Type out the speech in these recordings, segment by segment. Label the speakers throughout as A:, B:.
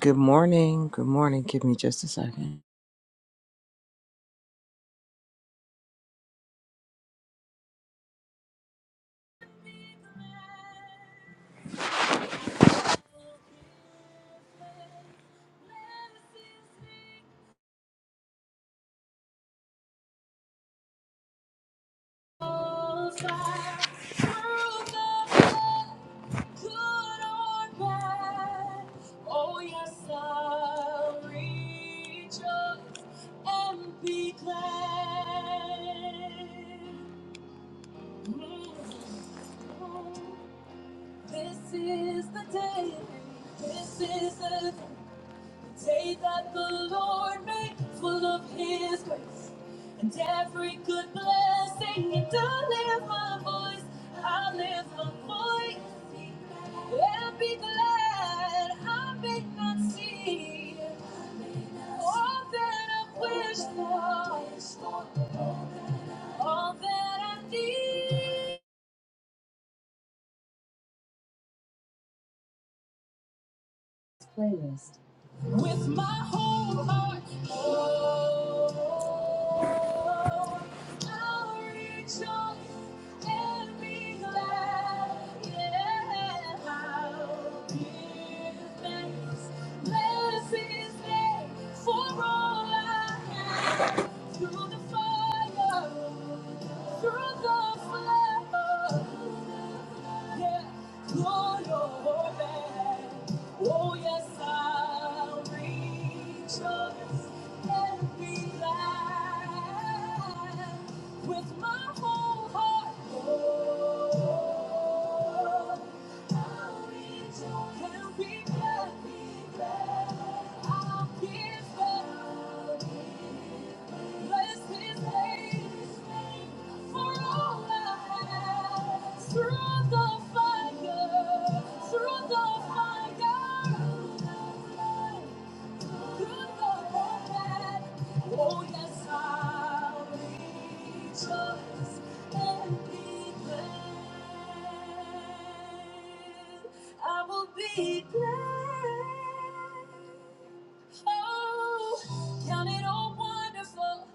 A: Good morning. Good morning. Give me just a second. Say that the Lord make full of his grace and every good blessing and I lift my voice, I lift my voice and be glad I may not see all that I wish for, all that I need. Playlist. with my whole heart. Oh, I'll rejoice and be glad. Yeah, I'll give thanks. Bless His name for all I have. Through the fire, through the flood. Yeah, Lord, your back. Oh, yes, I'll rejoice and be glad with my whole heart. Oh, I'll rejoice and be glad. Be glad. I'll give God bless his name. Through the fire, through the fire, through the fire, oh yes, I'll rejoice and be glad. I will be glad. Oh, count it all wonderful,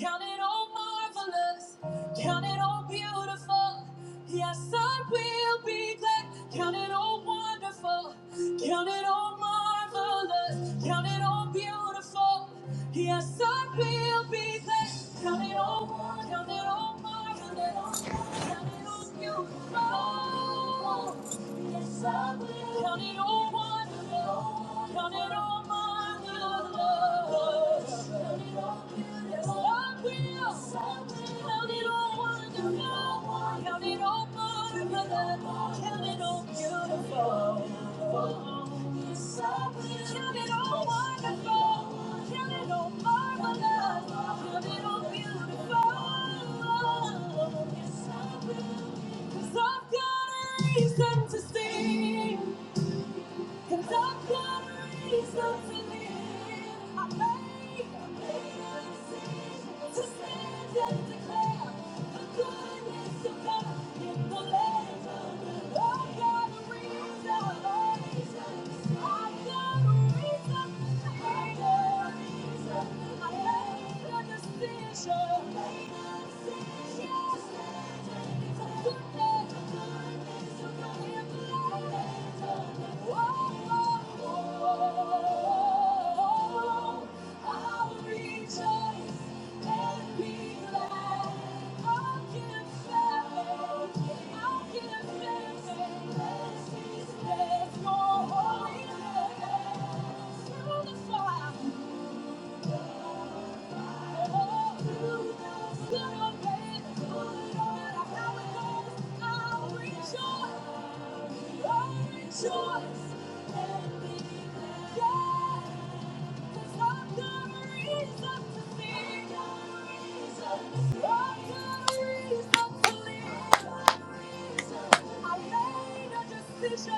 A: count it all marvelous, count it all beautiful. Yes, I will be glad. Count it all wonderful, count it all marvelous, count it all beautiful hope. Yes, I will be there. Count it all, one, count it all, one, count it all, one, count it on you. Oh, yes, I will. Count it all, count it all, count it all, my love. Cause I've got a reason to sing. Cause I've got a reason to live. I made a big decision to stand and declare the goodness of God in the land I've got a reason. I've got a reason. I made a decision. I made a decision. Bless me your bless your holy name Through the fire. Decision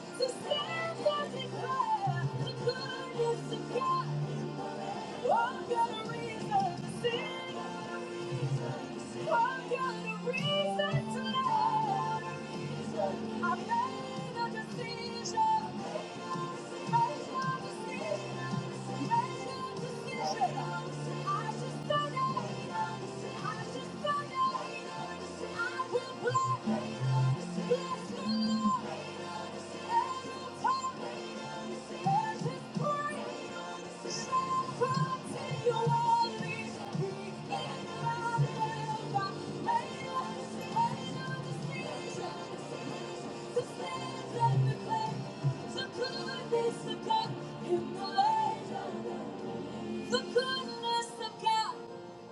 A: to stand and declare the goodness of God. I've got a reason to sing. I've got a reason to love. I made a decision. Made a decision. Made a decision. I just don't know. I just don't know. I will bless. Bless the Lord. To good is the God in the light the goodness of God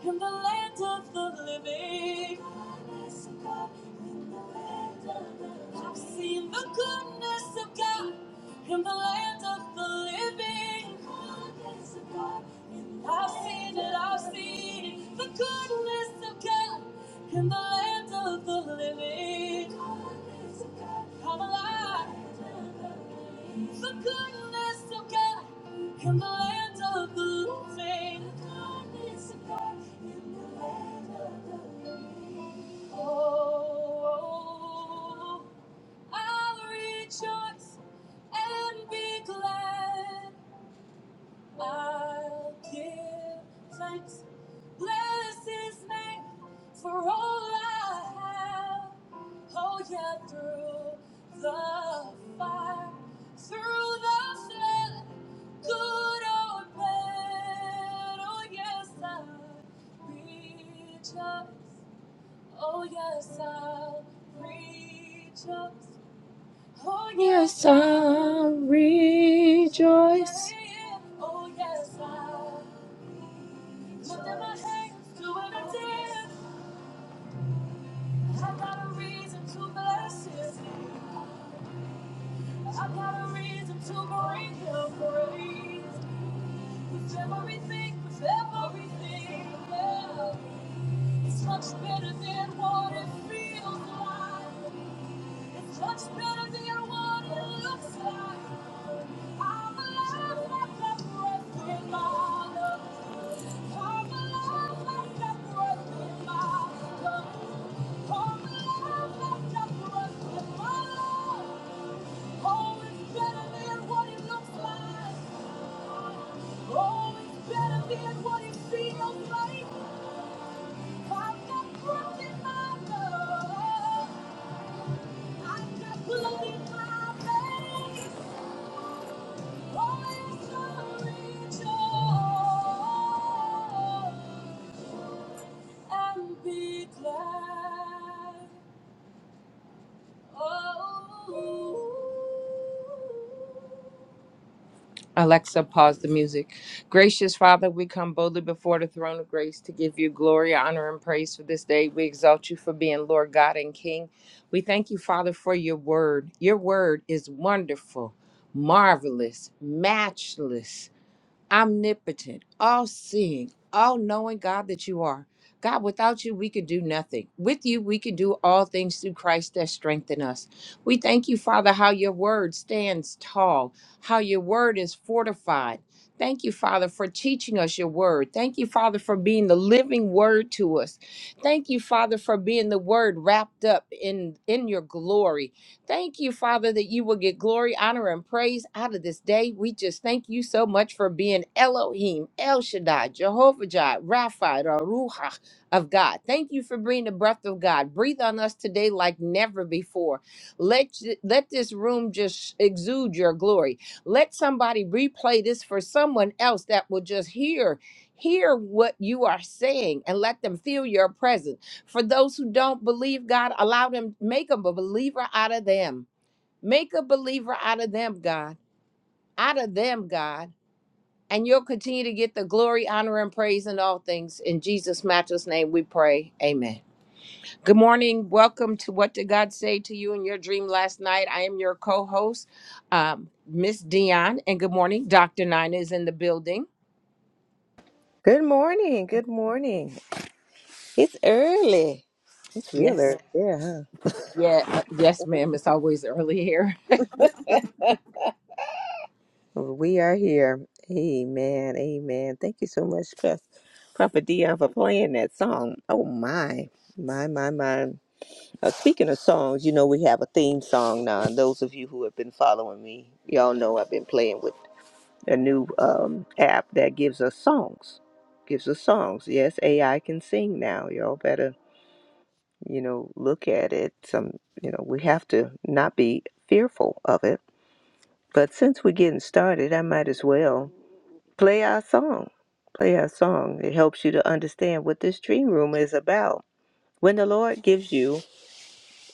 A: in the land of the living. Goodness of God in the land of the living. I've seen the goodness of God in the land of the living. Goodness of God in the I've land seen it, of I've the seen it. The goodness of. God in the land of the living. I'm alive. The goodness of God in the land of the living. Oh, I'll rejoice and be glad. I'll give thanks. Bless his name for all I have. Oh, yeah, through the fire, through the flood, good or bad. Oh, yes, I'll reach rejoice. Oh, yes, I'll reach rejoice. Oh, yes, I rejoice. Oh, yes, I lifted my hands to him and did. I got a reason to bless his name. I got a reason to bring him praise. With everything, with everything, well, it's much better than what it feels like. It's much better than what it looks like. I'm alive like a breath in my lungs. I'm alive like a breath in my lungs. I'm alive like a breath in my lungs. Oh, it's better than what it looks like. Oh, it's better than what it feels like. I've got breath in my lungs. I've got blood in my veins. Alexa, pause the music. Gracious Father, we come boldly before the throne of grace to give you glory, honor, and praise for this day. We exalt you for being Lord God and King. We thank you, Father, for your word. Your word is wonderful, marvelous, matchless. omnipotent, all seeing, all knowing God that you are. God, without you, we can do nothing. With you, we can do all things through Christ that strengthen us. We thank you, Father, how your word stands tall, how your word is fortified. Thank you, Father, for teaching us your word. Thank you, Father, for being the living word to us. Thank you, Father, for being the word wrapped up in, in your glory. Thank you, Father, that you will get glory, honor, and praise out of this day. We just thank you so much for being Elohim, El Shaddai, Jehovah Jireh, Rapha, the Ruach of God. Thank you for bringing the breath of God. Breathe on us today like never before. Let, let this room just exude your glory. Let somebody replay this for someone else that will just hear, hear what you are saying and let them feel your presence for those who don't believe, God, allow them, make a believer out of them. Make a believer out of them, God. Out of them, God. And you'll continue to get the glory, honor, and praise in all things. In Jesus' matchless name we pray. Amen. Good morning. Welcome to What Did God Say to You in Your Dream Last Night? I am your co host, um, Miss Dion. And good morning. Dr. Nina is in the building.
B: Good morning. Good morning. It's early. It's real
A: Yes.
B: early. Yeah.
A: Yeah. uh, Yes, ma'am. It's always early here.
B: huh? We are here. Amen. Amen. Thank you so much, Pres- Prophet Dion, for playing that song. Oh, my. My, my, my. Uh, speaking of songs, you know, we have a theme song now. And those of you who have been following me, y'all know I've been playing with a new um, app that gives us songs. Gives us songs. Yes, AI can sing now. Y'all better you know, look at it. Some, you know, we have to not be fearful of it. But since we're getting started, I might as well play our song. Play our song. It helps you to understand what this dream room is about. When the Lord gives you,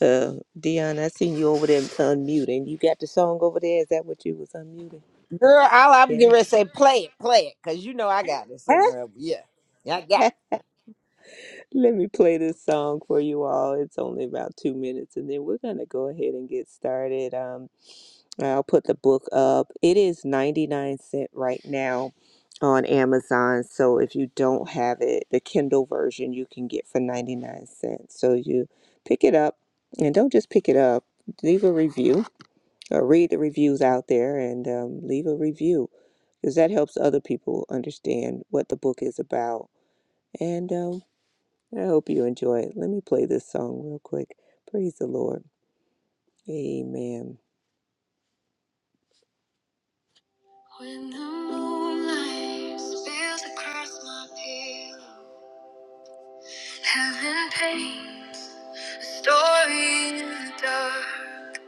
B: uh, Dion, I seen you over there unmuting. You got the song over there. Is that what you was unmuting?
A: Girl, all I'm getting
B: Yes.
A: ready to say, play it, play it, because you know I got it somewhere. But Yeah. Yeah, I got it.
B: Let me play this song for you all. It's only about two minutes, and then we're gonna go ahead and get started. Um, I'll put the book up. It is 99 cent right now on Amazon. So if you don't have it, the Kindle version you can get for 99 cents. So you pick it up and don't just pick it up, leave a review or read the reviews out there and um, leave a review because that helps other people understand what the book is about. And um, I hope you enjoy it. Let me play this song real quick. Praise the Lord. Amen. When the moonlight spills across my pillow, heaven paints a story in the dark.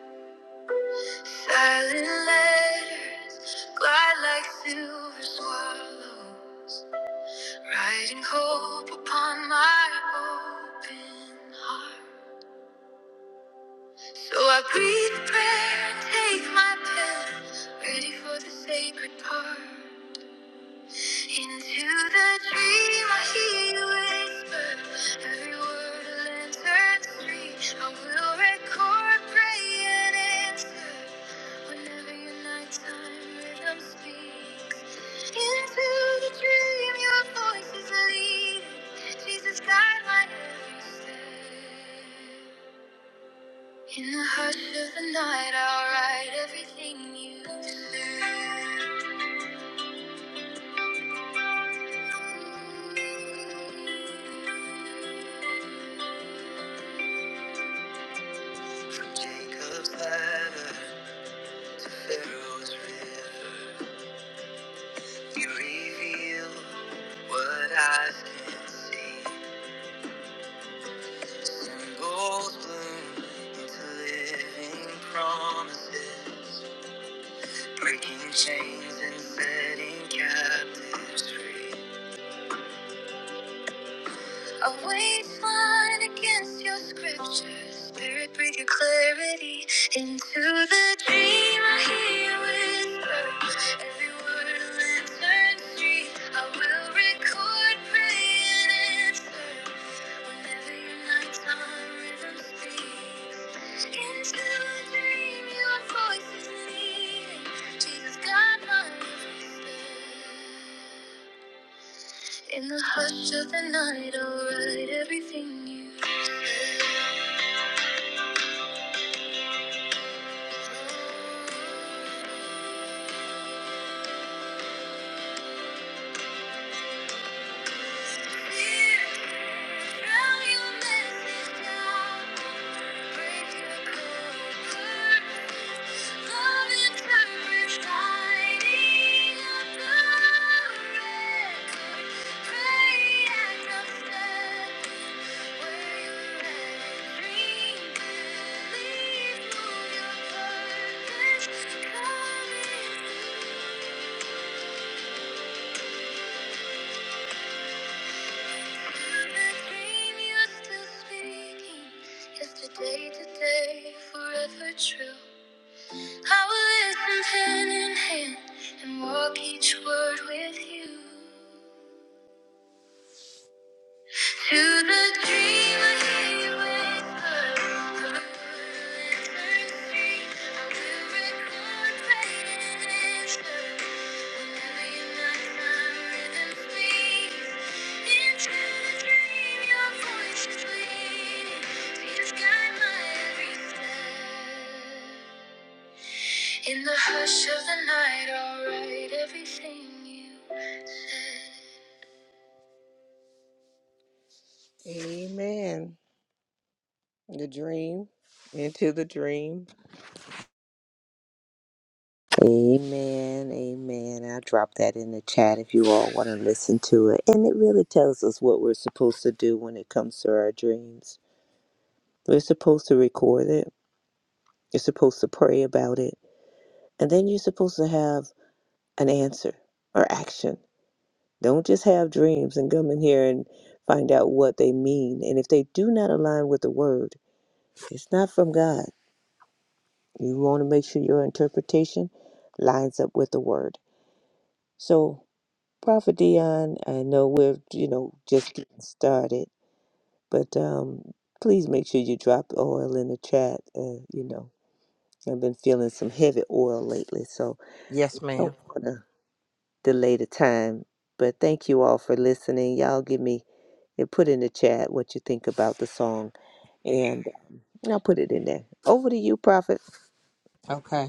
B: Silent letters glide like silver swallow, writing hope upon my open heart. So I breathe a prayer and take my pen, ready for the sacred part. Into the dream I hear you whisper Every word a lantern stream I will record, pray and answer Whenever your nighttime rhythm speaks Into the dream your voice is leading Jesus guide my every step In the hush of the night I'll write everything you said Breaking chains and setting captives free. A wage line against your scriptures. Spirit, breathe your clarity into the dream I hear you whisper. Every word a lantern street. I will record, pray, and answer. Whenever your nighttime rhythm speaks. Into the dream, your voice is leading. Jesus, God, my every step. In the hush of the night, I'll write everything you said. Thank you. Yesterday, today, forever true. I will listen hand in hand and walk each word with you. To the dreamer he whispered, "From the wintering street, I will record praise and answer. Whenever your nighttime rhythm speaks, into the dream your voice is leading. Please guide my every step." In the hush of the night, I'll write everything you said. Amen. The dream. Into the dream. Amen, amen. I dropped that in the chat if you all want to listen to it. And it really tells us what we're supposed to do when it comes to our dreams. We're supposed to record it, you're supposed to pray about it, and then you're supposed to have an answer or action. Don't just have dreams and come in here and find out what they mean. And if they do not align with the word, it's not from God. You want to make sure your interpretation lines up with the word. So, Prophet Dion, I know we're you know just getting started, but um, please make sure you drop oil in the chat. Uh, you know, I've been feeling some heavy oil lately, so
A: Yes,
B: don't
A: ma'am.
B: want to delay the time. But thank you all for listening. Y'all give me and put in the chat what you think about the song, and I'll put it in there. Over to you, Prophet.
A: Okay.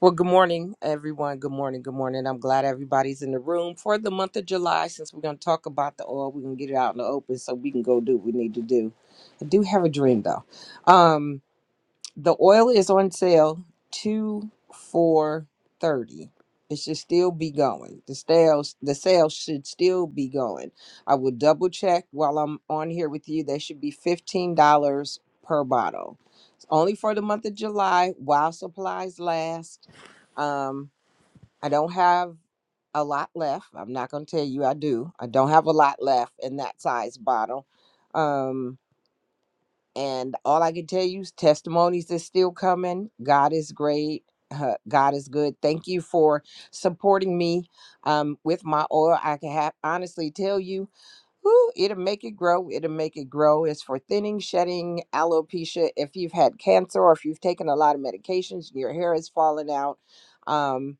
A: Well, good morning, everyone. Good morning. Good morning. I'm glad everybody's in the room for the month of July. Since we're going to talk about the oil, we can get it out in the open so we can go do what we need to do. I do have a dream, though. Um, The oil is on sale two for thirty. It should still be going. The sales the sales should still be going. I will double check while I'm on here with you. They should be fifteen dollars per bottle. It's only for the month of July while supplies last. Um, I don't have a lot left. I'm not gonna tell you I do. I don't have a lot left in that size bottle. Um. And all I can tell you is testimonies is still coming. God is great. Uh, God is good. Thank you for supporting me um, with my oil. I can have, honestly tell you, whew, it'll make it grow. It'll make it grow. It's for thinning, shedding, alopecia. If you've had cancer or if you've taken a lot of medications, your hair is falling out. Um,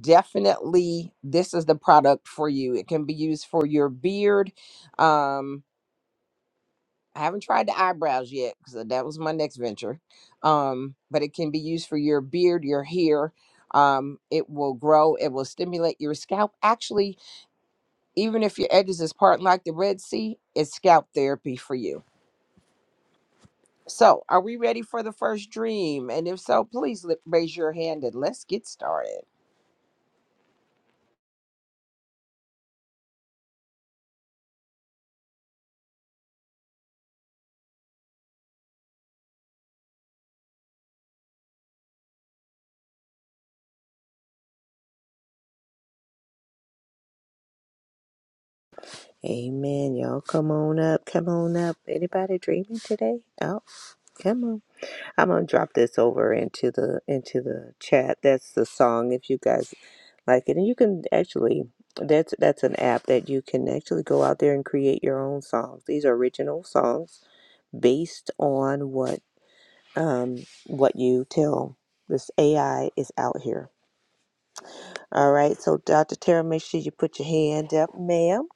A: definitely, this is the product for you. It can be used for your beard. Um, I haven't tried the eyebrows yet because that was my next venture. Um, but it can be used for your beard, your hair. Um, it will grow. It will stimulate your scalp. Actually, even if your edges is parting like the Red Sea, it's scalp therapy for you. So, are we ready for the first dream? And if so, please li- raise your hand and let's get started.
B: Amen. Y'all come on up. Come on up. Anybody dreaming today? Oh, come on. I'm gonna drop this over into the into the chat. That's the song if you guys like it, and you can actually that's that's an app that you can actually go out there and create your own songs. These are original songs based on what um what you tell this AI is out here. All right, so Dr. Tara, make sure you put your hand up, ma'am.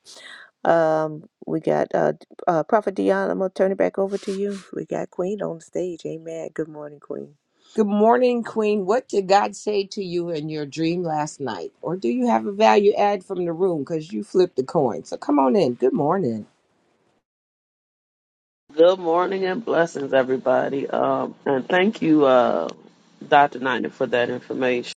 B: Um, we got uh, uh Prophet Dion. I'm gonna turn it back over to you. We got Queen on the stage. Amen. Good morning, Queen.
A: Good morning, Queen. What did God say to you in your dream last night? Or do you have a value add from the room because you flipped the coin? So come on in. Good morning.
C: Good morning and blessings, everybody. Um, and thank you, uh, Dr. Niner, for that information.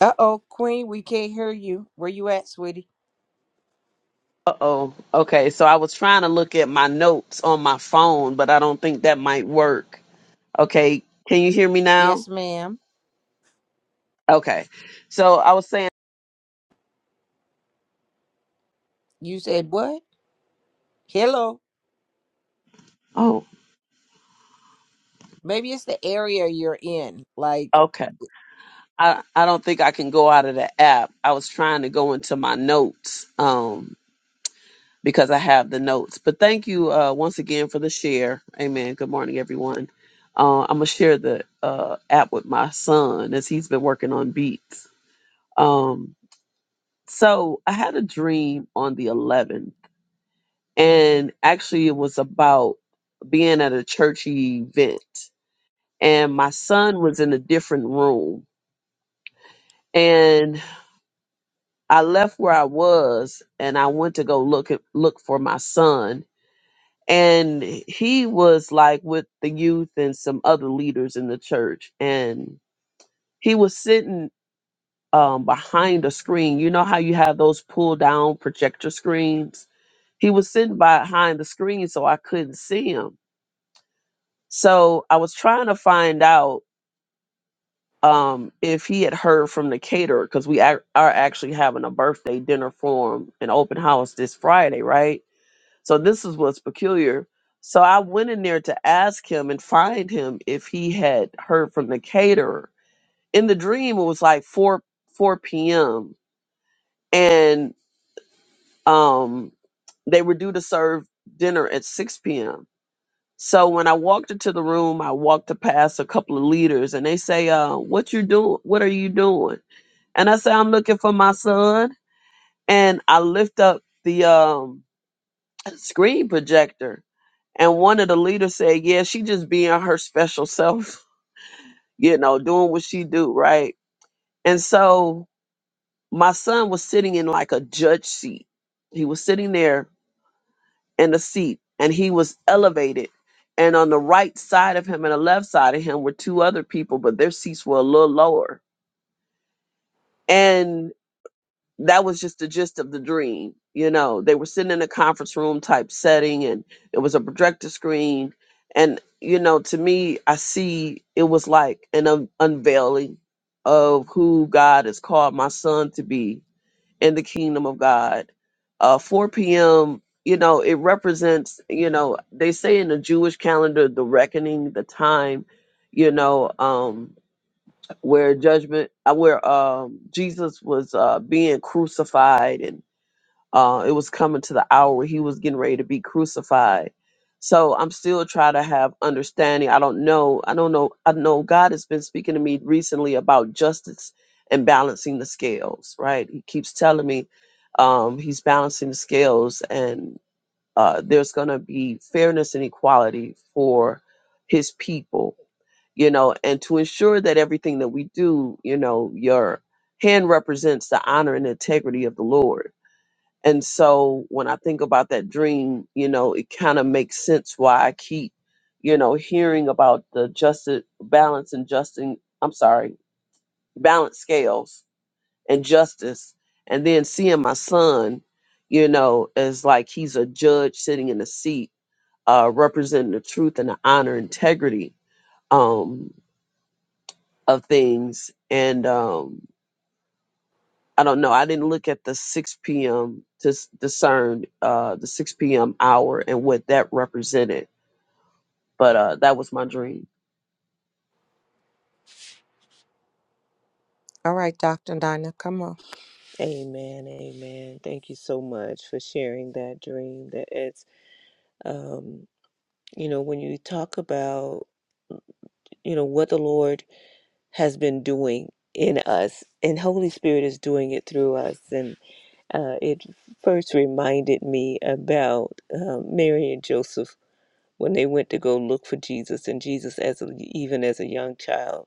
A: Uh oh, Queen, we can't hear you. Where you at, sweetie?
C: Uh oh. Okay, so I was trying to look at my notes on my phone, but I don't think that might work. Okay, can you hear me now?
A: Yes, ma'am.
C: Okay, so I was saying,
A: You said what? Hello.
C: oh,
A: Maybe it's the area you're in. Like,
C: okay. I, I don't think I can go out of the app. I was trying to go into my notes. Um. because I have the notes. But thank you uh, once again for the share. Amen. Good morning, everyone. Uh, I'm gonna share the uh, app with my son as he's been working on beats. Um, so I had a dream on the 11th, and actually it was about being at a churchy event, and my son was in a different room, and I left where I was, and I went to go look at, look for my son, and he was like with the youth and some other leaders in the church and he was sitting um, behind a screen you know how you have those pull down projector screens he was sitting behind the screen so i couldn't see him so i was trying to find out um, if he had heard from the caterer because we ac- are actually having a birthday dinner for him an open house this friday right So this is what's peculiar. So I went in there to ask him and find him if he had heard from the caterer. In the dream, it was like four four p.m. and um they were due to serve dinner at six p.m. So when I walked into the room, I walked to pass a couple of leaders, and they say, "Uh, what you doing? What are you doing?" And I say, "I'm looking for my son." And I lift up the um screen projector. And one of the leaders said, Yeah, she just being her special self, you know, doing what she do, right? And so my son was sitting in like a judge seat. He was sitting there in the seat and he was elevated. And on the right side of him and the left side of him were two other people, but their seats were a little lower. And that was just the gist of the dream. You know, they were sitting in a conference room type setting and it was a projector screen. And, you know, to me, I see it was like an un- unveiling of who God has called my son to be in the kingdom of God. Uh, 4 p.m., you know, it represents, you know, they say in the Jewish calendar, the reckoning, the time, you know. Um, where judgment uh, where um jesus was uh being crucified and uh it was coming to the hour where he was getting ready to be crucified so i'm still trying to have understanding i don't know i don't know i know god has been speaking to me recently about justice and balancing the scales right he keeps telling me um he's balancing the scales and. Uh, there's going to be fairness and equality for his people, you know, and to ensure that everything that we do, you know, your hand represents the honor and integrity of the Lord. And so when I think about that dream, you know, it kind of makes sense why I keep, you know, hearing about the justice balance and justin I'm sorry, balance scales and justice. And then seeing my son, you know, as like he's a judge sitting in a seat uh, representing the truth and the honor integrity um, of things and um, i don't know i didn't look at the 6 p.m to s- discern uh, the 6 p.m hour and what that represented but uh, that was my dream
A: All right, Dr. Dinah, come on.
B: Amen, amen. Thank you so much for sharing that dream. That it's, um, you know, when you talk about, you know, what the Lord has been doing in us, and Holy Spirit is doing it through us, and uh, it first reminded me about um, Mary and Joseph when they went to go look for Jesus, and Jesus as a, even as a young child,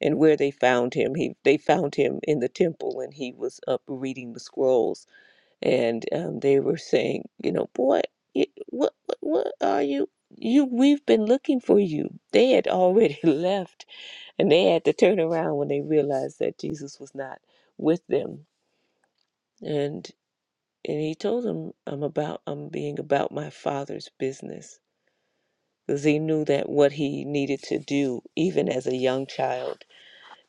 B: and where they found him. He they found him in the temple, and he was up reading the scrolls and um, they were saying, you know, boy, it, what, what, what are you? You, we've been looking for you. They had already left, and they had to turn around when they realized that Jesus was not with them. And and he told them, I'm about, I'm being about my Father's business, because he knew that what he needed to do, even as a young child.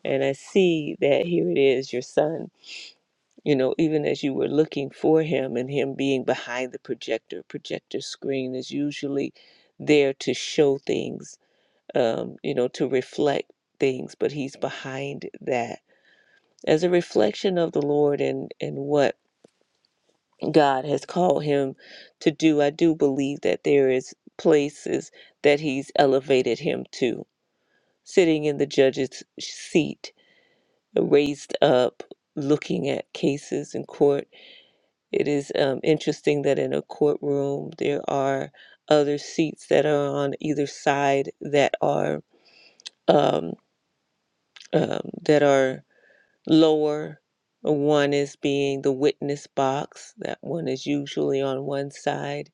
B: And I see that here it is, your son. you know, even as you were looking for him and him being behind the projector, projector screen is usually there to show things, um, you know, to reflect things, but he's behind that as a reflection of the Lord and, and what God has called him to do. I do believe that there is places that he's elevated him to, sitting in the judge's seat, raised up, looking at cases in court It is um, interesting that in a courtroom there are other seats that are on either side that are um, um, that are lower. One is being the witness box. That one is usually on one side,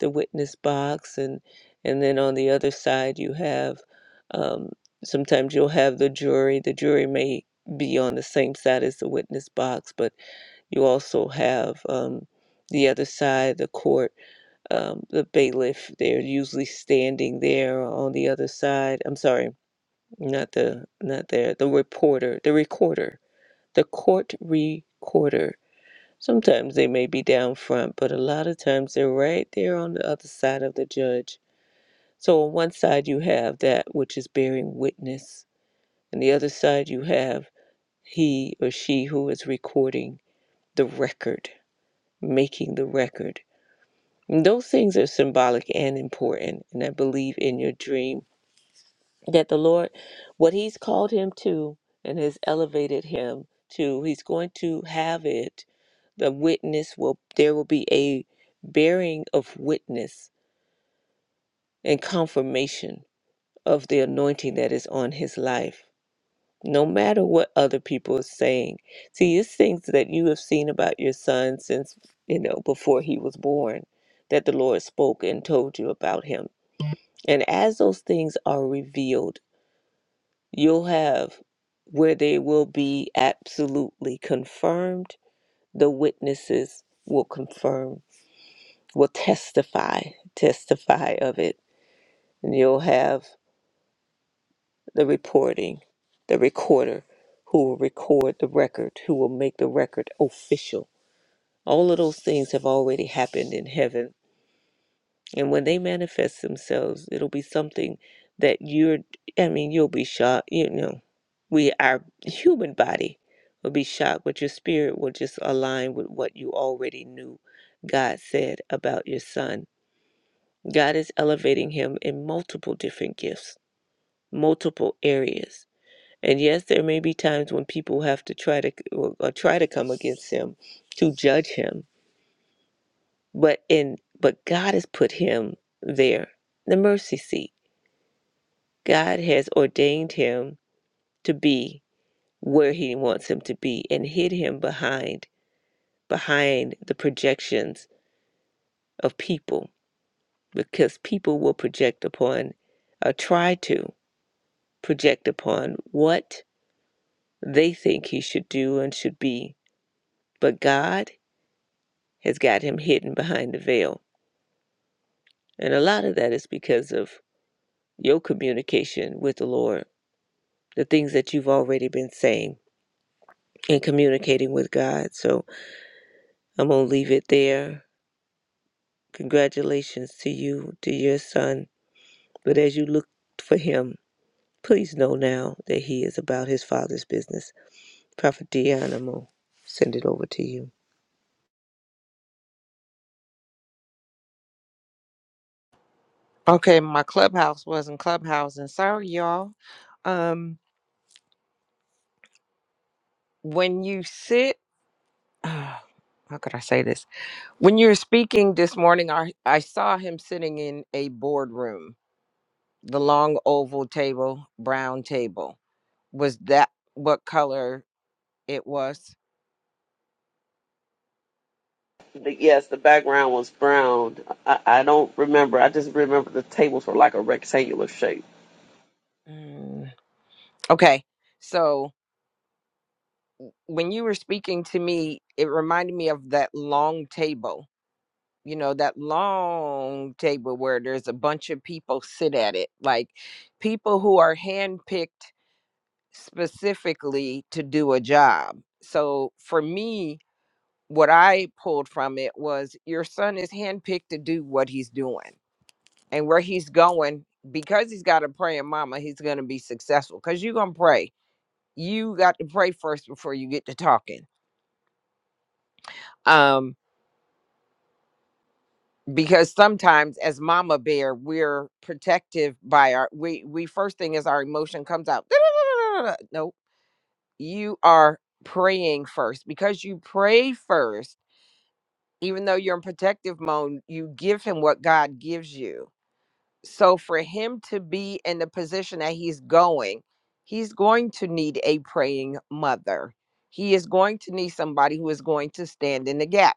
B: the witness box, and and then on the other side you have. Um, sometimes you'll have the jury. The jury may be on the same side as the witness box, but you also have um, the other side, the court um, the bailiff. They're usually standing there on the other side. I'm sorry, not the not there. The reporter, the recorder, the court recorder. Sometimes they may be down front, but a lot of times they're right there on the other side of the judge. So on one side you have that which is bearing witness, and the other side you have he or she who is recording the record, making the record. Those things are symbolic and important. And I believe in your dream that the Lord, what He's called him to and has elevated him to, He's going to have it. The witness will, there will be a bearing of witness and confirmation of the anointing that is on his life. No matter what other people are saying. See, it's things that you have seen about your son since, you know, before he was born that the Lord spoke and told you about him And as those things are revealed, you'll have where they will be absolutely confirmed, the witnesses will confirm, will testify, testify of it. And you'll have the reporting, the recorder who will record the record, who will make the record official. All of those things have already happened in heaven And when they manifest themselves, it'll be something that you're, I mean, you'll be shocked. You know, we, our human body will be shocked, but your spirit will just align with what you already knew God said about your son. God is elevating him in multiple different gifts, multiple areas. And yes, there may be times when people have to try to or, or try to come against him to judge him, but in but God has put him there, the mercy seat God has ordained him to be where he wants him to be and hid him behind behind the projections of people because people will project upon or try to project upon what they think he should do and should be but God has got him hidden behind the veil and a lot of that is because of your communication with the Lord the things that you've already been saying and communicating with God so I'm going to leave it there Congratulations to you, to your son. But as you look for him, please know now that he is about his father's business. Prophet Dianimo, send it over to you.
A: okay, my clubhouse wasn't clubhousing. Sorry, y'all. Um, when you sit, ah, how could I say this? When you were speaking this morning, I I saw him sitting in a boardroom, the long oval table, brown table. Was that what color it was?
C: but yes the background was brown I, I don't remember i just remember the tables were like a rectangular shape
A: Mm. Okay. So when you were speaking to me, it reminded me of that long table, you know, that long table where there's a bunch of people sit at it, like people who are handpicked specifically to do a job. So for me, what I pulled from it was your son is handpicked to do what he's doing and where he's going because he's got a praying mama, he's going to be successful because you're going to pray. You got to pray first before you get to talking um because sometimes as mama bear we're protective by our we we first thing is our emotion comes out nope you are praying first because you pray first even though you're in protective mode you give him what god gives you So for him to be in the position that he's going, he's going to need a praying mother. He is going to need somebody who is going to stand in the gap.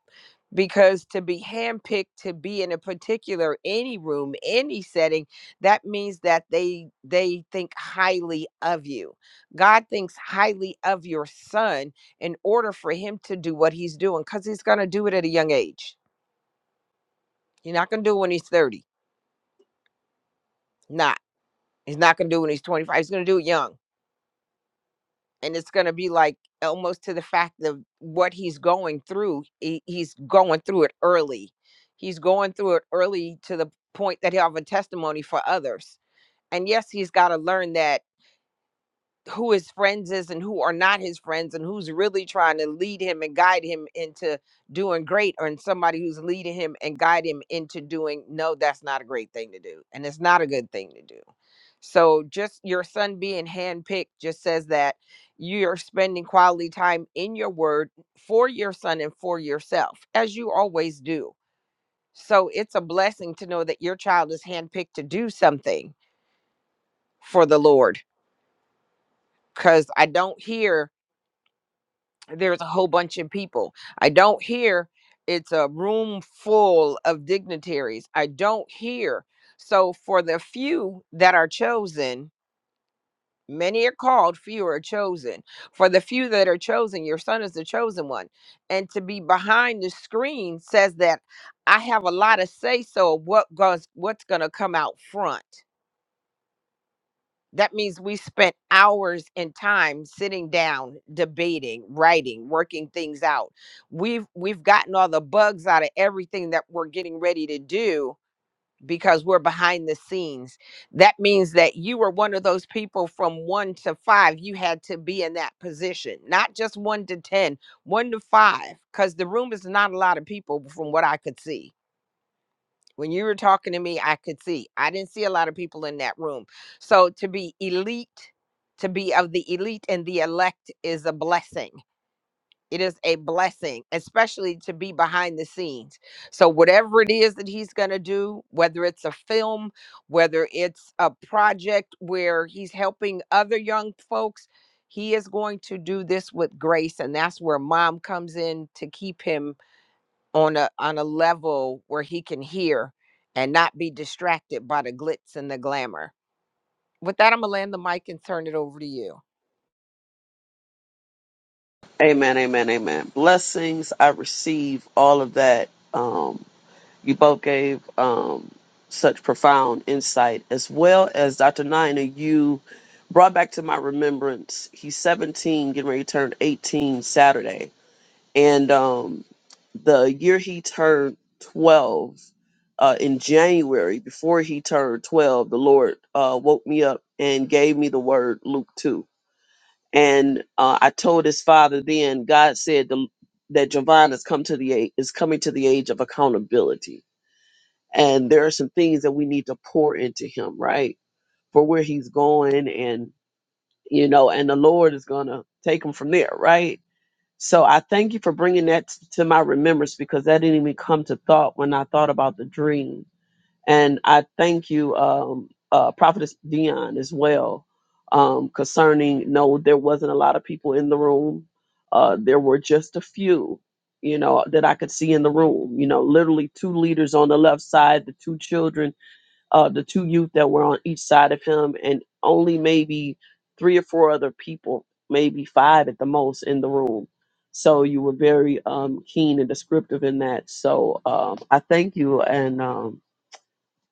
A: Because to be handpicked to be in a particular any room, any setting, that means that they they think highly of you. God thinks highly of your son in order for him to do what he's doing, because he's gonna do it at a young age. He's not gonna do it when he's 30. Not. He's not going to do it when he's 25. He's going to do it young. And it's going to be like almost to the fact of what he's going through. He, he's going through it early. He's going through it early to the point that he'll have a testimony for others. And yes, he's got to learn that who his friends is and who are not his friends and who's really trying to lead him and guide him into doing great or in somebody who's leading him and guide him into doing no that's not a great thing to do and it's not a good thing to do so just your son being handpicked just says that you're spending quality time in your word for your son and for yourself as you always do so it's a blessing to know that your child is handpicked to do something for the lord because i don't hear there's a whole bunch of people. I don't hear it's a room full of dignitaries. I don't hear. So for the few that are chosen, many are called, few are chosen. For the few that are chosen, your son is the chosen one. And to be behind the screen says that I have a lot of say so of what goes what's gonna come out front. That means we spent hours in time sitting down, debating, writing, working things out. We've we've gotten all the bugs out of everything that we're getting ready to do because we're behind the scenes. That means that you were one of those people from 1 to 5 you had to be in that position, not just 1 to ten, one to 5 cuz the room is not a lot of people from what I could see when you were talking to me, I could see. I didn't see a lot of people in that room. So to be elite, to be of the elite and the elect is a blessing. It is a blessing, especially to be behind the scenes. So, whatever it is that he's going to do, whether it's a film, whether it's a project where he's helping other young folks, he is going to do this with grace. And that's where mom comes in to keep him on a on a level where he can hear and not be distracted by the glitz and the glamour. With that, I'm gonna land the mic and turn it over to you.
C: amen amen amen blessings i receive all of that Um, You both gave um, such profound insight, as well as Dr. Nina, you brought back to my remembrance. He's 17, getting ready to turn 18 Saturday. And um, the year he turned 12, uh, in January, before he turned 12, the Lord uh, woke me up and gave me the word Luke 2. And uh, I told his father then, God said the, that Javon has come to the age, is coming to the age of accountability and there are some things that we need to pour into him right for where he's going and you know and the lord is going to take him from there right so i thank you for bringing that t- to my remembrance because that didn't even come to thought when i thought about the dream and i thank you um uh prophetess dion as well um concerning no there wasn't a lot of people in the room uh there were just a few you know that i could see in the room you know literally two leaders on the left side the two children uh, the two youth that were on each side of him, and only maybe three or four other people, maybe five at the most, in the room. So you were very um, keen and descriptive in that. So um, I thank you, and um,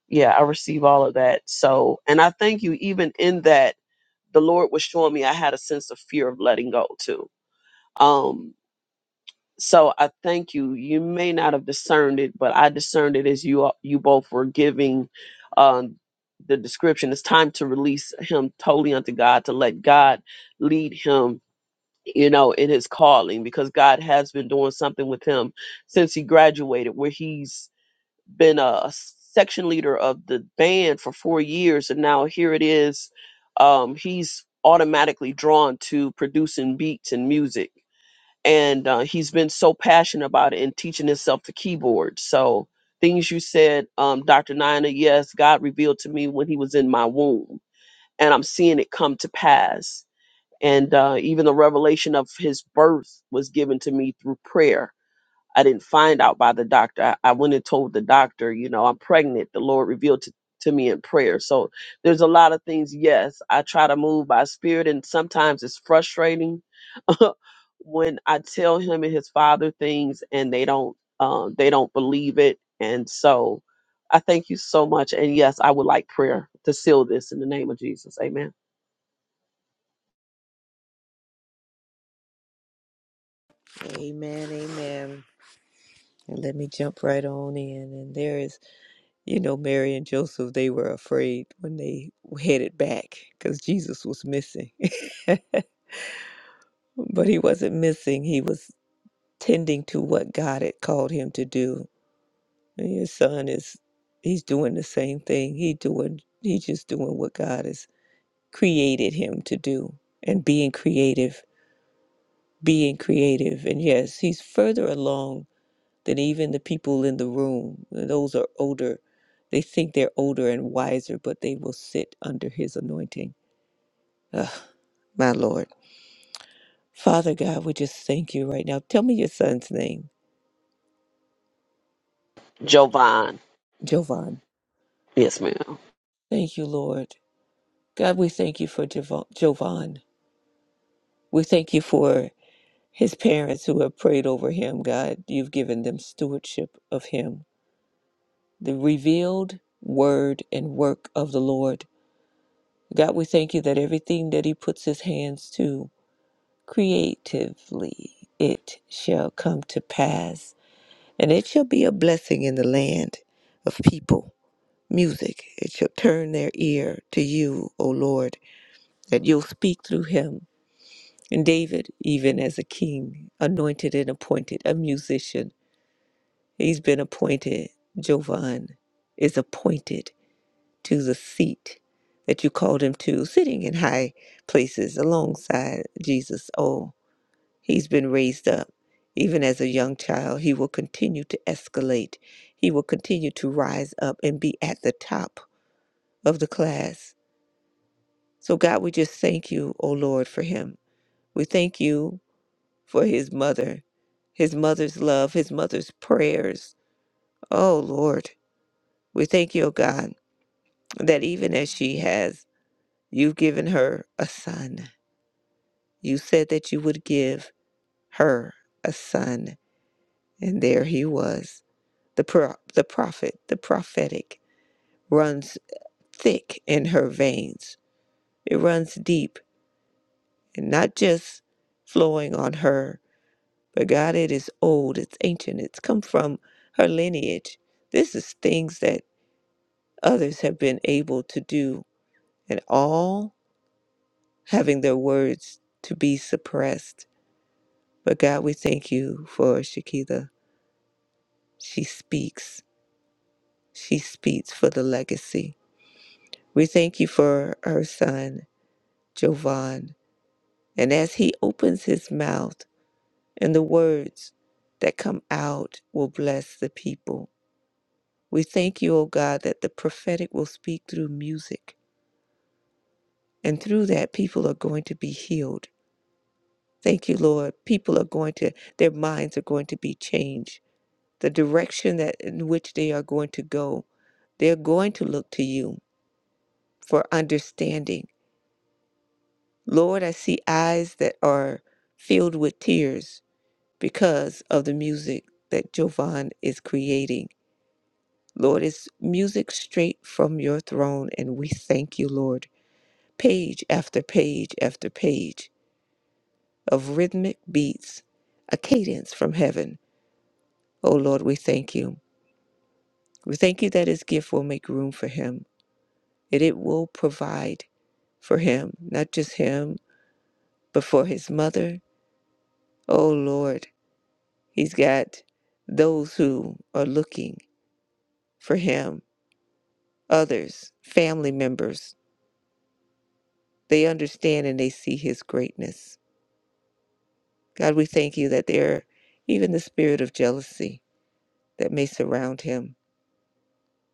C: yeah, I receive all of that. So, and I thank you even in that the Lord was showing me I had a sense of fear of letting go too. Um, so I thank you. You may not have discerned it, but I discerned it as you uh, you both were giving um, the description. It's time to release him totally unto God, to let God lead him, you know, in his calling, because God has been doing something with him since he graduated, where he's been a section leader of the band for four years, and now here it is. Um, he's automatically drawn to producing beats and music and uh, he's been so passionate about it and teaching himself the keyboard. So things you said, um, Dr. Nina, yes, God revealed to me when he was in my womb, and I'm seeing it come to pass. And uh, even the revelation of his birth was given to me through prayer I didn't find out by the doctor. I, I went and told the doctor, you know, I'm pregnant. The Lord revealed to, to me in prayer. So there's a lot of things. Yes, I try to move by spirit, and sometimes it's frustrating when I tell him and his father things, and they don't, um, they don't believe it. And so, I thank you so much. And yes, I would like prayer to seal this in the name of Jesus. Amen.
B: Amen, amen. And let me jump right on in. And there is, you know, Mary and Joseph, they were afraid when they headed back because Jesus was missing. but he wasn't missing, he was tending to what God had called him to do. And your son is he's doing the same thing. He doing he's just doing what God has created him to do and being creative, being creative. And yes, he's further along than even the people in the room. Those are older. They think they're older and wiser, but they will sit under his anointing. Ugh, my Lord. Father God, we just thank you right now. Tell me your son's name,
C: Jovan.
B: Jovan.
C: Yes, ma'am.
B: Thank you, Lord. God, we thank you for Jovan. Jovan. We thank you for His parents who have prayed over him, God, you've given them stewardship of him. The revealed word and work of the Lord. God, we thank you that everything that he puts his hands to creatively, it shall come to pass. And it shall be a blessing in the land of people. Music, it shall turn their ear to you, O Lord, that you'll speak through him. And David, even as a king, anointed and appointed, a musician, He's been appointed. Jovan is appointed to the seat that you called him to, sitting in high places alongside Jesus. Oh, he's been raised up. Even as a young child, he will continue to escalate. He will continue to rise up and be at the top of the class. So, God, we just thank you, O Lord, for him. We thank you for his mother, his mother's love, his mother's prayers. Oh, Lord, we thank you, O God that even as she has, you've given her a son. You said that you would give her a son. And there he was. The, pro- the prophet, the prophetic, runs thick in her veins. It runs deep and not just flowing on her, but God, it is old, it's ancient, it's come from her lineage. This is things that others have been able to do, and all having their words to be suppressed But God, we thank you for Shakita. She speaks. She speaks for the legacy. We thank you for her son, Jovan. And as he opens his mouth and the words that come out will bless the people. We thank you, O God, that the prophetic will speak through music. And through that, people are going to be healed. Thank you, Lord. People are going to, their minds are going to be changed. The direction that in which they are going to go They're going to look to you for understanding. Lord, I see eyes that are filled with tears because of the music that Jovan is creating. Lord, it's music straight from your throne, and we thank you, Lord. Page after page after page of rhythmic beats, a cadence from heaven. Oh Lord, we thank you. We thank you that his gift will make room for him, and it will provide for him, not just him But for his mother, oh Lord, he's got those who are looking for him, others, family members. They understand and they see his greatness. God, we thank you that there are even the spirit of jealousy that may surround him,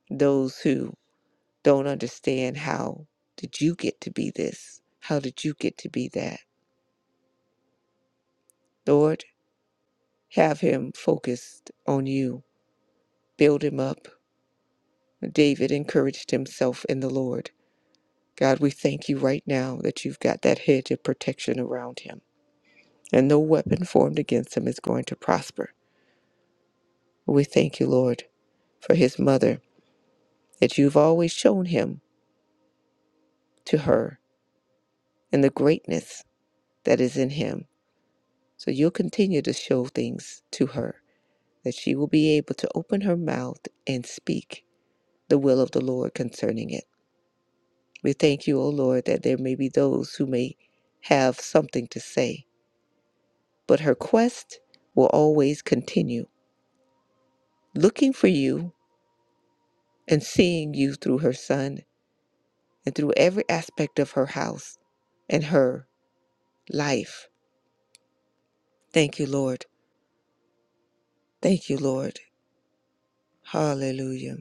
B: those who don't understand how did you get to be this? How did you get to be that? Lord, have him focused on you. Build him up. David encouraged himself in the Lord. God, we thank you right now that you've got that hedge of protection around him, and no weapon formed against him is going to prosper. We thank you, Lord, for his mother, that you've always shown him to her and the greatness that is in him. So you'll continue to show things to her, that she will be able to open her mouth and speak the will of the Lord concerning it. We thank you, O Lord, that there may be those who may have something to say, but her quest will always continue looking for you and seeing you through her son and through every aspect of her house and her life. Thank you, Lord. Thank you, Lord. Hallelujah.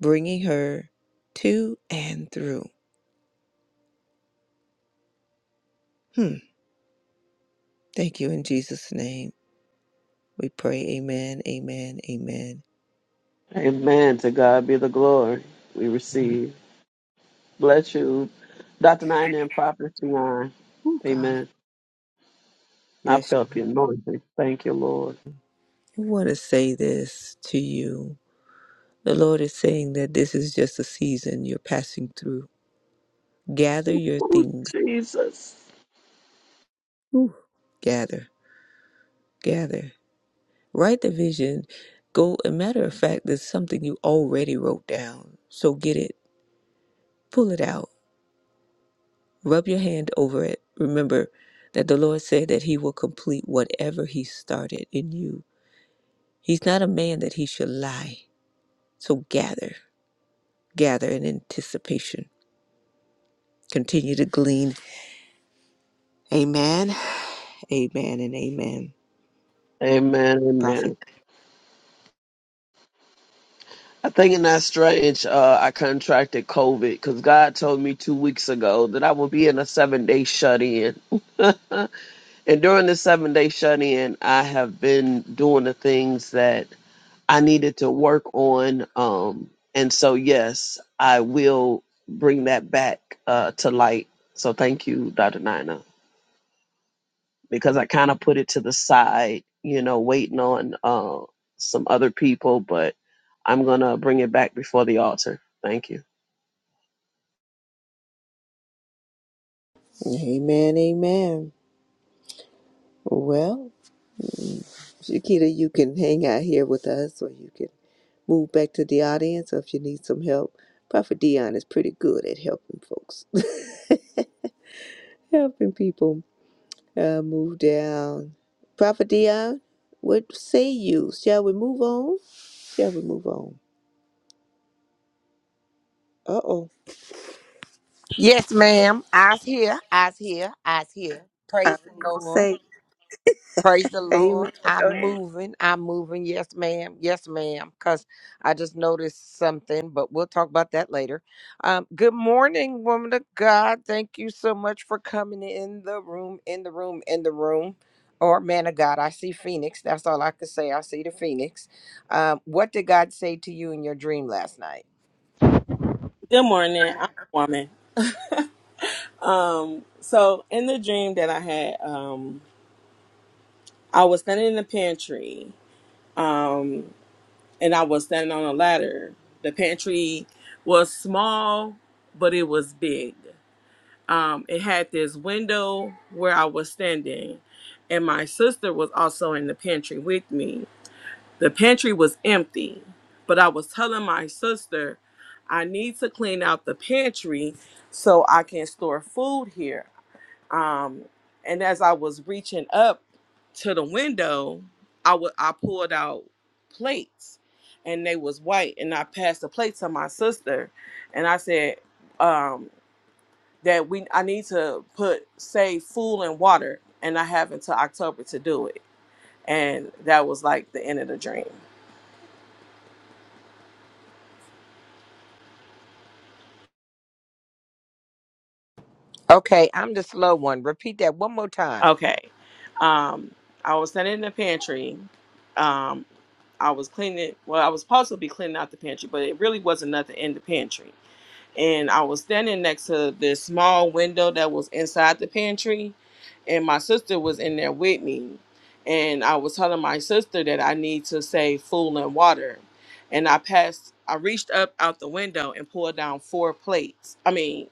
B: Bringing her to and through. Hmm. Thank you in Jesus' name. We pray, Amen, Amen, Amen.
C: Amen. To God be the glory. We receive. Bless you. Dr. Nine and Prophet Nine.
B: Oh, God
C: Amen. I
B: bless
C: felt
B: you.
C: the anointing. Thank you, Lord.
B: I want to say this to you. The Lord is saying that this is just a season you're passing through. Gather your
C: Oh,
B: things.
C: Jesus.
B: Ooh. Gather, gather. Write the vision. Go, a matter of fact, there's something you already wrote down. So get it, pull it out, rub your hand over it. Remember that the Lord said that He will complete whatever He started in you. He's not a man that He should lie. So gather, gather in anticipation. Continue to glean. Amen, amen, and amen.
C: Amen. Amen.
B: Prophet.
C: I think in that strange, uh, I contracted COVID because God told me two weeks ago that I would be in a seven day shut in. and during the seven day shut in, I have been doing the things that I needed to work on. Um, and so, yes, I will bring that back uh, to light. So, thank you, Dr. Nina because I kind of put it to the side, you know, waiting on uh, some other people, but I'm going to bring it back before the altar. Thank you.
B: Amen, amen. Well, Shakita, you can hang out here with us or you can move back to the audience or if you need some help. Prophet Dion is pretty good at helping folks, helping people uh, move down. Prophet Dion, what say you? Shall we move on? Shall we move on? Uh oh.
A: Yes, ma'am. Eyes here, eyes here, eyes here.
B: I
A: Praise
B: was
A: the
B: going to
A: Lord.
B: say,
A: Praise the
B: Amen.
A: Lord. I'm
B: Go ahead.
A: moving. I'm moving. Yes, ma'am. Yes, ma'am. Because I just noticed something, but we'll talk about that later. Um, good morning, woman of God. Thank you so much for coming in the room, in the room, in the room. Or man of God, I see Phoenix. That's all I could say. I see the Phoenix. Um, what did God say to you in your dream last night?
D: Good morning. I'm a woman. So in the dream that I had, um, I was standing in the pantry and I was standing on a ladder. The pantry was small, but it was big. Um, it had this window where I was standing, and my sister was also in the pantry with me. The pantry was empty, but I was telling my sister, I need to clean out the pantry so I can store food here. Um, and as I was reaching up to the window, I wa- I pulled out plates, and they was white. And I passed the plate to my sister, and I said um, that we I need to put save food and water, and I have until October to do it. And that was like the end of the dream.
A: Okay, I'm the slow one. Repeat that one more time.
D: Okay, um, I was standing in the pantry. Um, I was cleaning. Well, I was supposed to be cleaning out the pantry, but it really wasn't nothing in the pantry and I was standing next to this small window that was inside the pantry, and my sister was in there with me, and I was telling my sister that I need to save food and water, and I passed, I reached up out the window and pulled down four plates. I mean,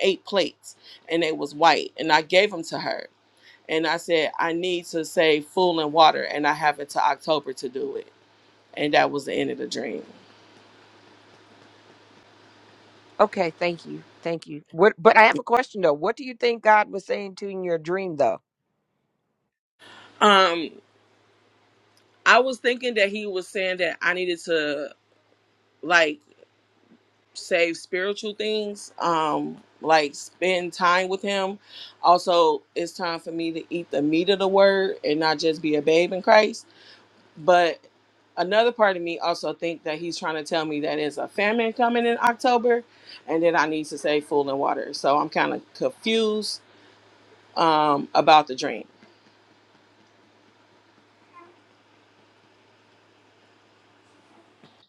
D: eight plates, and they was white, and I gave them to her, and I said I need to save food and water, and I have until October to do it, and that was the end of the dream.
A: Okay, thank you. Thank you. What, but I have a question though. What do you think God was saying to you in your dream though?
D: Um, I was thinking that he was saying that I needed to like save spiritual things, um, like spend time with him. Also, it's time for me to eat the meat of the word and not just be a babe in Christ. But another part of me also think that he's trying to tell me that there's a famine coming in October and that I need to save food and water. So I'm kind of confused um about the dream.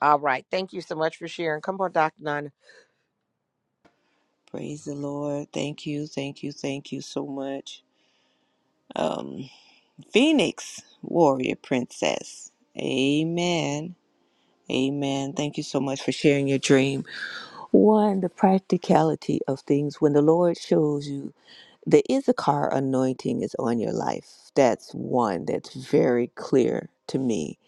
A: All right. Thank you so much for sharing. Come on, Dr. Nana.
B: Praise the Lord. Thank you, thank you, thank you so much. Um, Phoenix, warrior princess. Amen. Amen. Thank you so much for sharing your dream. One, the practicality of things. When the Lord shows you the Issachar anointing is on your life, that's one that's very clear to me.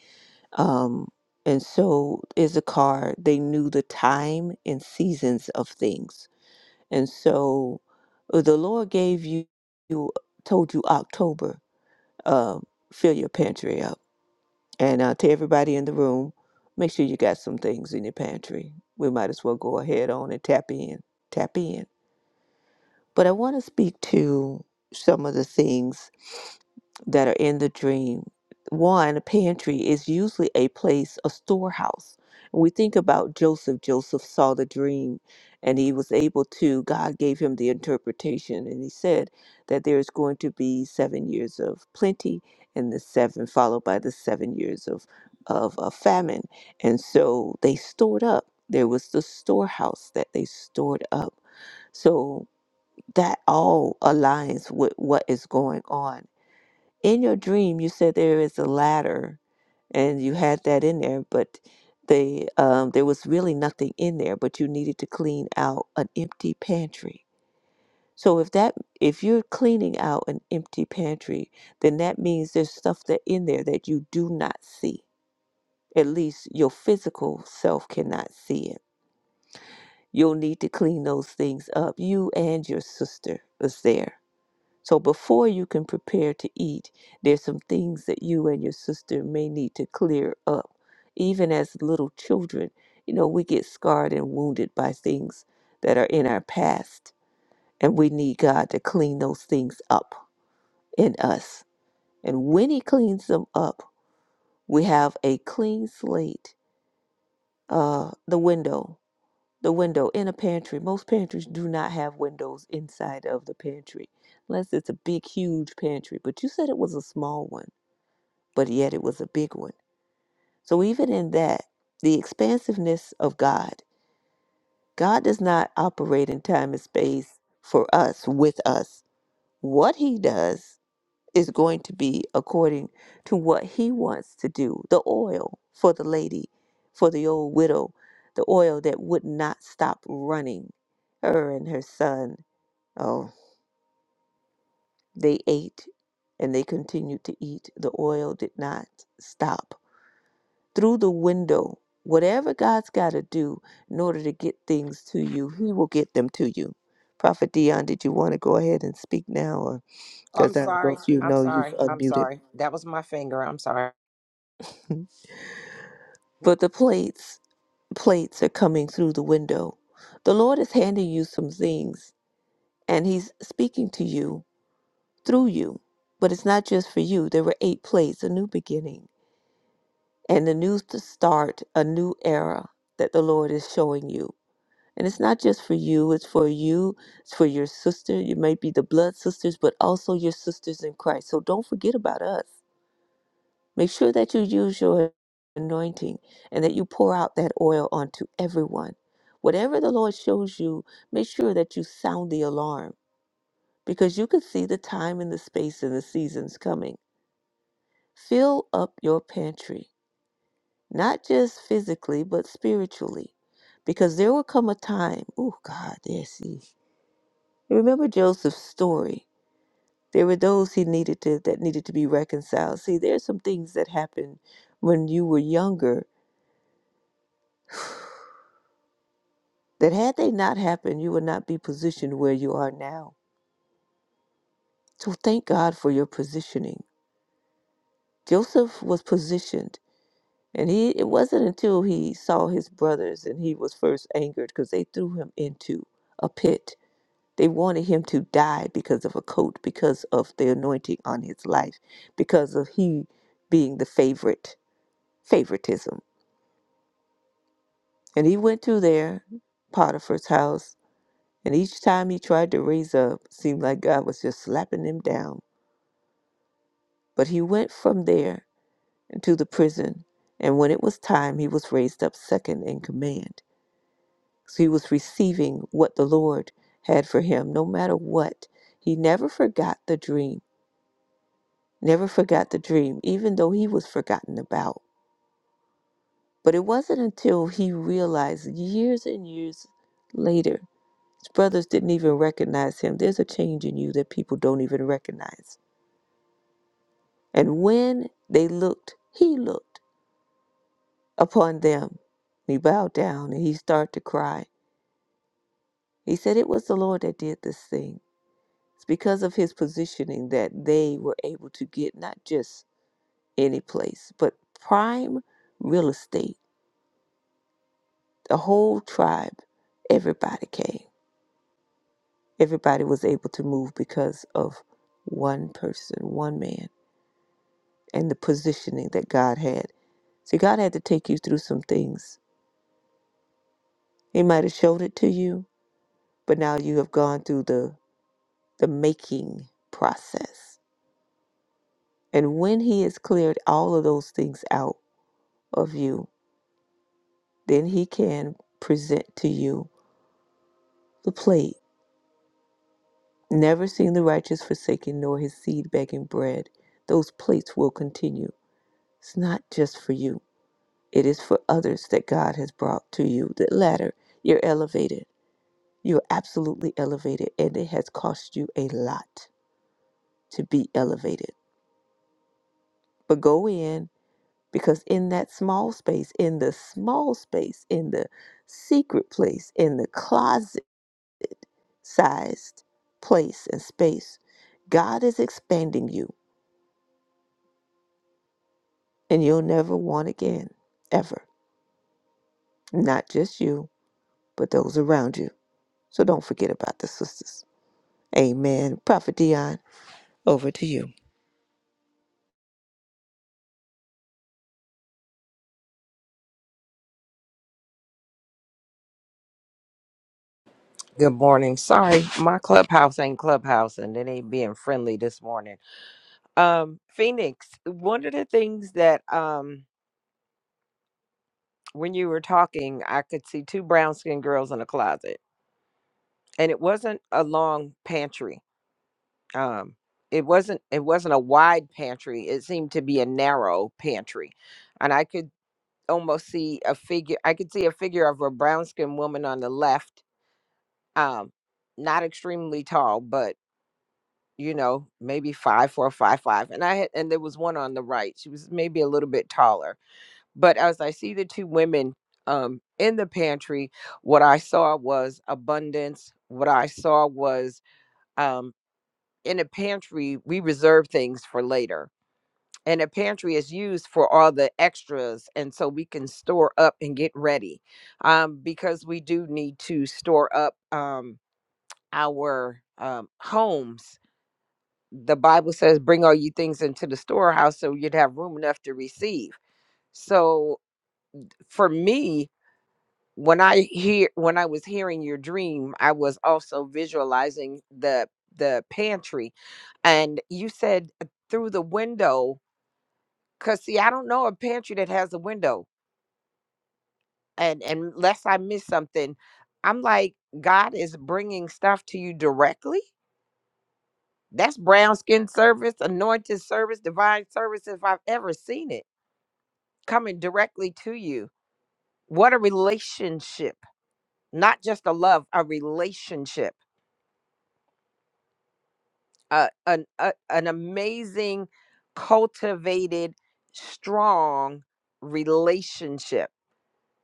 B: Um, and so, Issachar, they knew the time and seasons of things. And so, uh, the Lord gave you, you told you October, um, fill your pantry up and uh, to everybody in the room, make sure you got some things in your pantry. We might as well go ahead on and tap in. Tap in. But I want to speak to some of the things that are in the dream. One, a pantry is usually a place, a storehouse. When we think about Joseph, Joseph saw the dream and he was able to, God gave him the interpretation and he said that there is going to be seven years of plenty and the seven followed by the seven years of, of, of famine. And so they stored up. There was the storehouse that they stored up. So that all aligns with what is going on. In your dream, you said there is a ladder, and you had that in there, but they um, there was really nothing in there, but you needed to clean out an empty pantry. So if that if you're cleaning out an empty pantry, then that means there's stuff that in there that you do not see. At least your physical self cannot see it. You'll need to clean those things up. You and your sister was there So before you can prepare to eat, there's some things that you and your sister may need to clear up. Even as little children, you know, we get scarred and wounded by things that are in our past, and we need God to clean those things up in us. And when He cleans them up, we have a clean slate. Uh, the window, the window in a pantry. Most pantries do not have windows inside of the pantry, unless it's a big, huge pantry. But you said it was a small one but yet it was a big one. So even in that, the expansiveness of God, God does not operate in time and space for us, with us. What he does is going to be according to what he wants to do. The oil for the lady, for the old widow, the oil that would not stop running. Her and her son, oh, they ate and they continued to eat. The oil did not stop through the window. Whatever God's got to do in order to get things to you, He will get them to you. Prophet Dion, did you want to go ahead and speak now?
A: Oh, I'm
B: Because I don't know
A: sorry.
B: if you
A: I'm
B: know you've
A: sorry. I'm
B: unmuted.
A: sorry. That was my finger. I'm sorry.
B: but the plates, plates are coming through the window. The Lord is handing you some things, and He's speaking to you through you. But it's not just for you. There were eight plates, a new beginning, and a new to start, a new era that the Lord is showing you And it's not just for you, it's for you, it's for your sister. You might be the blood sisters, but also your sisters in Christ. So don't forget about us. Make sure that you use your anointing and that you pour out that oil onto everyone. Whatever the Lord shows you, make sure that you sound the alarm because you can see the time and the space and the seasons coming. Fill up your pantry, not just physically, but spiritually, because there will come a time. Oh, God, yes. Remember Joseph's story. There were those he needed to that needed to be reconciled. See, there's some things that happened when you were younger that had they not happened, you would not be positioned where you are now. So thank God for your positioning. Joseph was positioned, and he it wasn't until he saw his brothers and he was first angered because they threw him into a pit. They wanted him to die because of a coat, because of the anointing on his life, because of he being the favorite favoritism. And he went to there, Potiphar's house, and each time he tried to raise up, seemed like God was just slapping him down. But he went from there into the prison, and when it was time, he was raised up second in command. So he was receiving what the Lord had for him, no matter what. He never forgot the dream, never forgot the dream, even though he was forgotten about. But it wasn't until he realized years and years later His brothers didn't even recognize him. There's a change in you that people don't even recognize. And when they looked, he looked upon them. He bowed down and he started to cry. He said, It was the Lord that did this thing. It's because of his positioning that they were able to get not just any place, but prime real estate. The whole tribe, everybody came. Everybody was able to move because of one person, one man. and the positioning that God had. See, God had to take you through some things. He might have showed it to you, but now you have gone through the the making process. And when he has cleared all of those things out of you, then he can present to you the plate. Never seen the righteous forsaken nor his seed begging bread. Those plates will continue. It's not just for you. It is for others that God has brought to you. That latter, you're elevated You're absolutely elevated, and it has cost you a lot to be elevated. But go in because in that small space, in the small space, in the secret place, in the closet sized place and space, God is expanding you, and you'll never want again, ever. Not just you, but those around you. So don't forget about the sisters. Amen. Prophet Dion, over to you.
A: Good morning. Sorry, my clubhouse ain't clubhouse and it ain't being friendly this morning. Um, Phoenix, one of the things that um when you were talking, I could see two brown skinned girls in a closet. And it wasn't a long pantry. um it wasn't it wasn't a wide pantry it seemed to be a narrow pantry and i could almost see a figure i could see a figure of a brown skinned woman on the left um not extremely tall but you know maybe five four five five and i had and there was one on the right she was maybe a little bit taller but as i see the two women um in the pantry what i saw was abundance what i saw was um in a pantry we reserve things for later and a pantry is used for all the extras and so we can store up and get ready um, because we do need to store up um, our um, homes the bible says bring all you things into the storehouse so you'd have room enough to receive so for me when i hear when i was hearing your dream i was also visualizing the the pantry and you said uh, through the window because see i don't know a pantry that has a window and and unless I miss something, I'm like, God is bringing stuff to you directly. That's brown skin service, anointed service, divine service, if I've ever seen it coming directly to you. What a relationship, not just a love, a relationship, uh, an, a, an amazing, cultivated, strong relationship.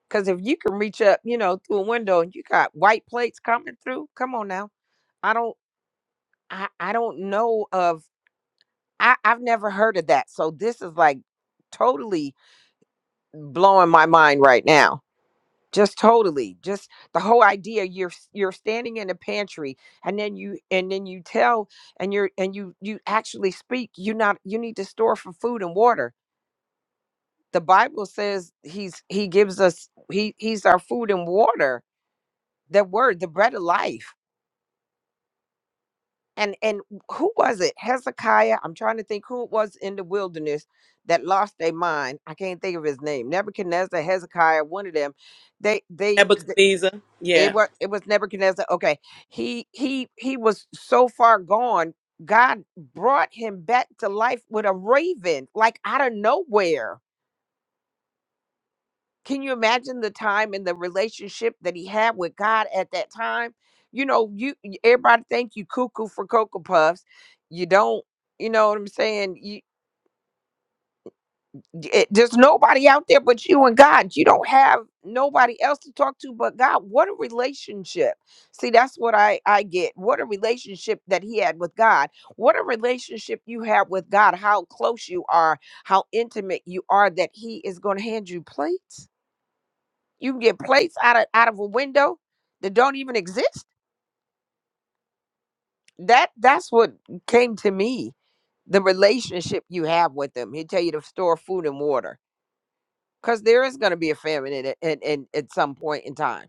A: Because if you can reach up, you know, through a window and you got white plates coming through, come on now. I don't. I I don't know of I I've never heard of that. So this is like totally blowing my mind right now. Just totally. Just the whole idea you're s- you're standing in a pantry and then you and then you tell and you're and you you actually speak you not you need to store for food and water. The Bible says he's he gives us he he's our food and water. That word, the bread of life and and who was it hezekiah i'm trying to think who it was in the wilderness that lost their mind i can't think of his name nebuchadnezzar hezekiah one of them they they, th-
D: Nebuchadnezzar.
A: it
D: Yeah.
A: was it was nebuchadnezzar okay he he he was so far gone god brought him back to life with a raven like out of nowhere can you imagine the time and the relationship that he had with God at that time? You know, you y- everybody think you cuckoo for cocoa puffs. You don't, you know what I'm saying? You d- it, there's nobody out there but you and God. You don't have nobody else to talk to but God. What a relationship. See, that's what I I get. What a relationship that he had with God. What a relationship you have with God. How close you are, how intimate you are that he is going to hand you plates you can get plates out of out of a window that don't even exist. That that's what came to me. The relationship you have with them. He'll tell you to store food and water. Because there is going to be a famine at, at, at, at at some point in time.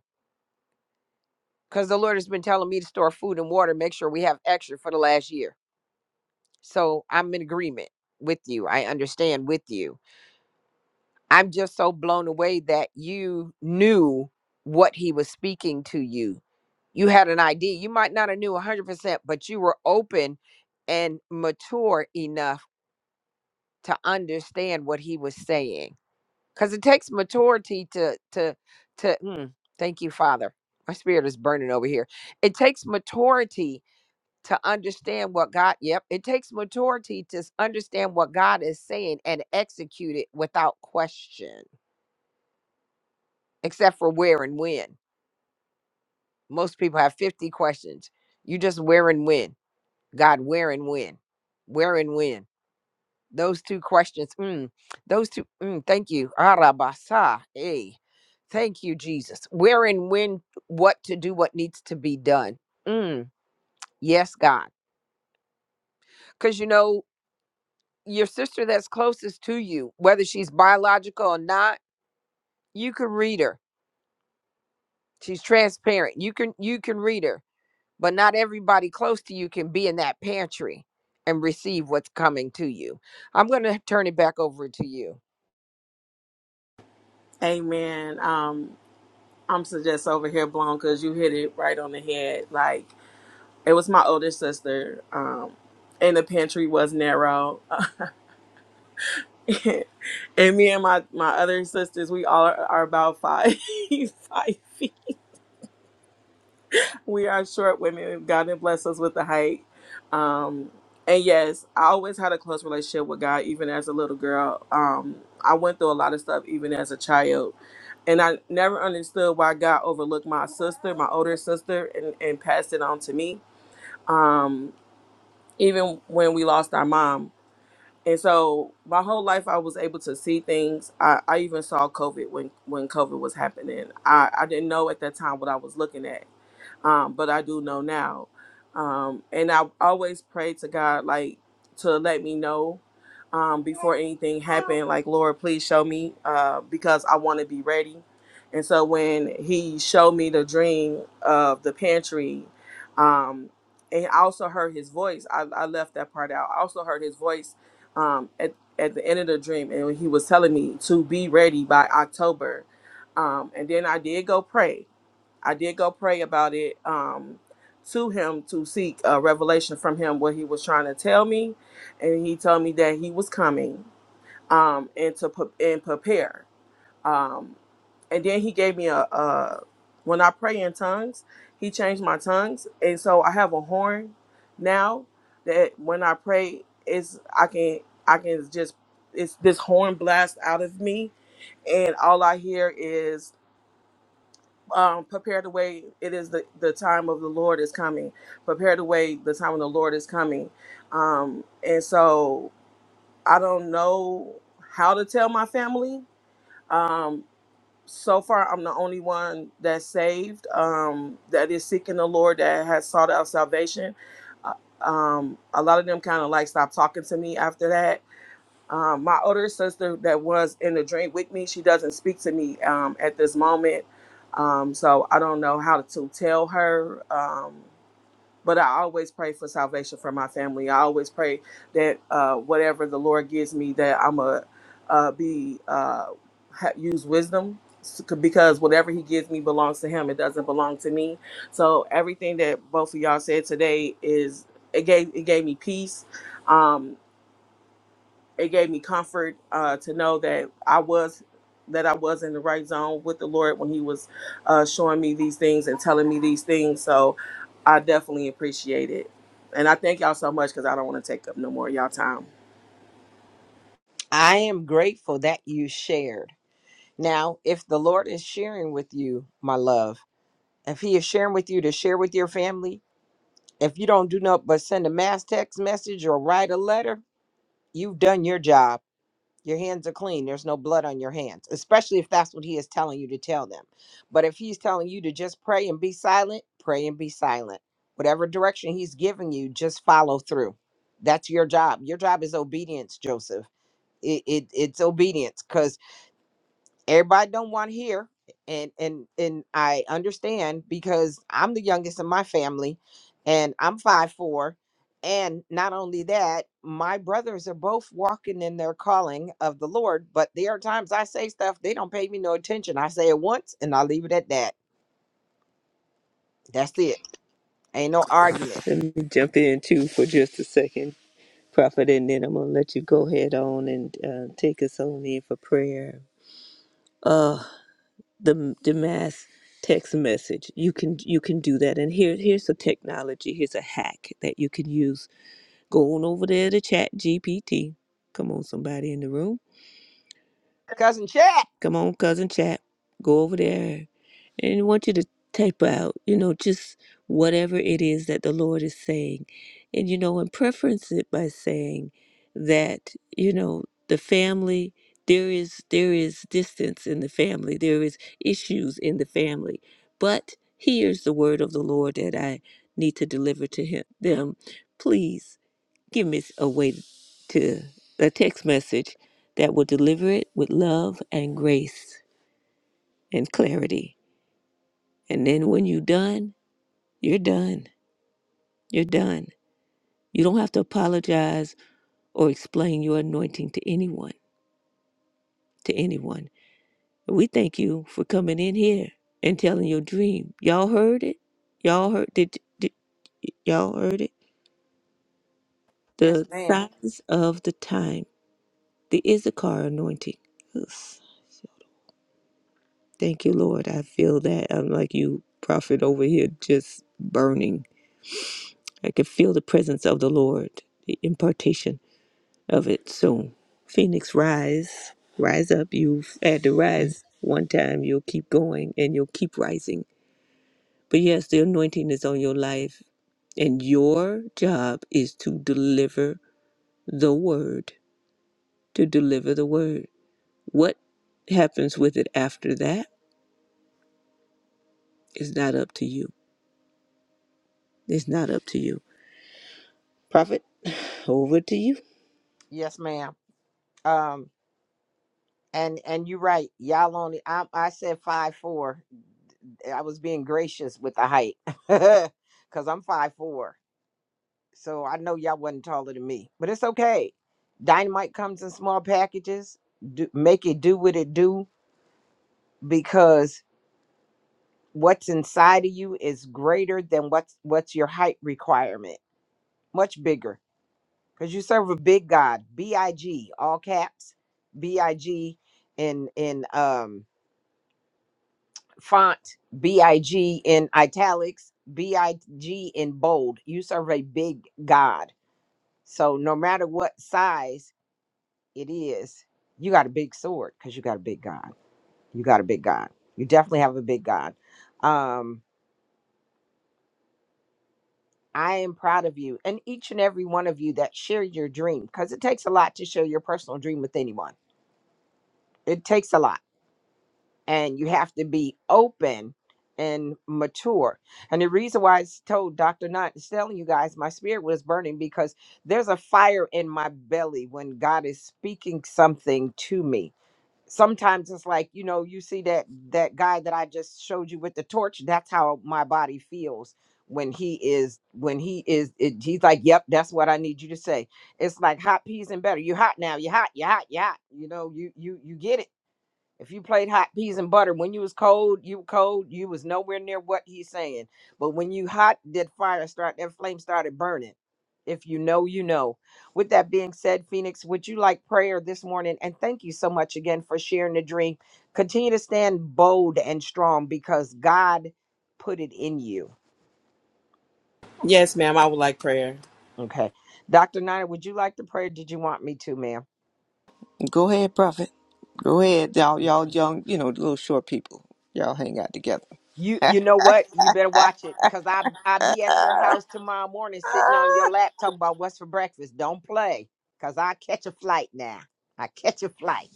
A: Because the Lord has been telling me to store food and water, make sure we have extra for the last year. So I'm in agreement with you. I understand with you. I'm just so blown away that you knew what he was speaking to you you had an idea. You might not have knew 100%, but you were open and mature enough to understand what he was saying. Cuz it takes maturity to to to mm, thank you, Father. My spirit is burning over here. It takes maturity to understand what God, yep, it takes maturity to s- understand what God is saying and execute it without question, except for where and when. Most people have 50 questions. You just where and when. God, where and when? Where and when? Those two questions. Mm, those two. Mm, thank you. Arabasa. Hey, thank you, Jesus. Where and when? What to do? What needs to be done? Mm, yes, God. Because you know your sister that's closest to you, whether she's biological or not, you can read her. She's transparent. You can you can read her, but not everybody close to you can be in that pantry and receive what's coming to you. I'm going to turn it back over to you.
D: Amen. Um I'm just over here blown because you hit it right on the head. Like it was my older sister, um, and the pantry was narrow, and me and my my other sisters, we all are, are about five five feet. We are short women. God didn't bless us with the height. Um, and yes, I always had a close relationship with God, even as a little girl. Um, I went through a lot of stuff, even as a child. And I never understood why God overlooked my sister, my older sister, and, and passed it on to me, um, even when we lost our mom. And so my whole life, I was able to see things. I, I even saw COVID when, when COVID was happening. I, I didn't know at that time what I was looking at um, but I do know now. Um, and I always pray to God, like, to let me know um, before anything happened, like, Lord, please show me uh, because I want to be ready. And so when he showed me the dream of the pantry, um, and I also heard his voice. I, I left that part out. I also heard his voice um, at, at the end of the dream, and he was telling me to be ready by October. Um, and then I did go pray I did go pray about it um, to him to seek a revelation from him what he was trying to tell me, and he told me that he was coming um, and to pre- and prepare. Um, and then he gave me a, a when I pray in tongues, he changed my tongues, and so I have a horn now that when I pray is I can I can just it's this horn blast out of me, and all I hear is um, prepare the way. It is the, the time of the Lord is coming. Prepare the way. The time of the Lord is coming. Um, and so I don't know how to tell my family. Um, so far, I'm the only one that's saved, um, that is seeking the Lord, that has sought out salvation. Uh, Um, a lot of them kind of like stopped talking to me after that um, my older sister that was in the drink with me, she doesn't speak to me um, at this moment. Um, so I don't know how to tell her. Um, but I always pray for salvation for my family. I always pray that uh, whatever the Lord gives me, that I'm a uh, be uh, ha- use wisdom s- because whatever He gives me belongs to Him. It doesn't belong to me. So everything that both of y'all said today is it gave it gave me peace. Um, it gave me comfort uh, to know that I was that I was in the right zone with the Lord when He was uh, showing me these things and telling me these things. So I definitely appreciate it, and I thank y'all so much because I don't want to take up no more of y'all time.
A: I am grateful that you shared. Now, if the Lord is sharing with you, my love, if He is sharing with you to share with your family, if you don't do nothing but send a mass text message or write a letter, you've done your job. Your hands are clean. There's no blood on your hands, especially if that's what He is telling you to tell them. But if He's telling you to just pray and be silent, pray and be silent. Whatever direction He's giving you, just follow through. That's your job. Your job is obedience, Joseph it, it it's obedience 'cause everybody don't want to hear and and and i understand because i'm the youngest in my family and i'm five four and not only that my brothers are both walking in their calling of the lord but there are times i say stuff they don't pay me no attention i say it once and i leave it at that that's it ain't no argument
B: Let me jump in too for just a second. Prophet, and then I'm going to let you go head on and uh, take us on in for prayer. Uh, the the mass text message. You can you can do that. And here here's a technology. Here's a hack that you can use. Go on over there to Chat GPT. Come on, somebody in the room.
A: cousin chat
B: Come on, cousin Chat. Go over there And I want you to type out, you know, just whatever it is that the Lord is saying. And, you know, and preference it by saying that, you know, the family, there is there is distance in the family, there is issues in the family. But here's the word of the Lord that I need to deliver to him them. Please give me a way to a text message that will deliver it with love and grace and clarity. And then when you're done, you're done. You're done. You don't have to apologize or explain your anointing to anyone, to anyone. We thank you for coming in here and telling your dream. Y'all heard it? Y'all heard did, did y'all heard it?
A: yes
B: The
A: ma'am
B: Yeah. signs of the time, the Issachar anointing. Yes. Thank you, Lord. I feel that. I'm like you, prophet over here, just burning. I can feel the presence of the Lord, the impartation of it. So, Phoenix, rise, rise up. You've had to rise one time, you'll keep going and you'll keep rising. But yes, the anointing is on your life, and your job is to deliver the word, to deliver the word. What happens with it after that is not up to you. It's not up to you. Prophet, over to you.
A: yes ma'am Um, and and you're right. Y'all only I, I said five four. I was being gracious with the height because I'm five four. So I know y'all wasn't taller than me, but it's okay. Dynamite comes in small packages. Do, make it do what it do because what's inside of you is greater than what's what's your height requirement. Much bigger because you serve a big God. B I G all caps. B I G in in um font big in italics big in bold you serve a big god so no matter what size it is you got a big sword because you got a big god you got a big god you definitely have a big god um i am proud of you and each and every one of you that share your dream because it takes a lot to share your personal dream with anyone it takes a lot and you have to be open and mature. And the reason why I told Dr. Not is telling you guys my spirit was burning because there's a fire in my belly when God is speaking something to me. Sometimes it's like, you know, you see that that guy that I just showed you with the torch, that's how my body feels when he is when he is it, he's like, "Yep, that's what I need you to say." It's like hot peas and butter. You hot now. You hot. You hot. You hot. You know, you you you get it if you played hot peas and butter, when you was cold, you cold, you was nowhere near what he's saying. But when you hot, that fire start that flame started burning. If you know, you know. With that being said, Phoenix, would you like prayer this morning? And thank you so much again for sharing the dream. Continue to stand bold and strong because God put it in you.
D: Yes, ma'am. I would like prayer.
A: Okay. Dr. Niner, would you like the prayer? Did you want me to, ma'am?
B: Go ahead, Prophet. Go ahead, y'all. Y'all young, you know, little short people. Y'all hang out together.
A: You you know what? You better watch it because I I be at your house tomorrow morning sitting on your lap talking about what's for breakfast. Don't play because I catch a flight now. I catch a flight.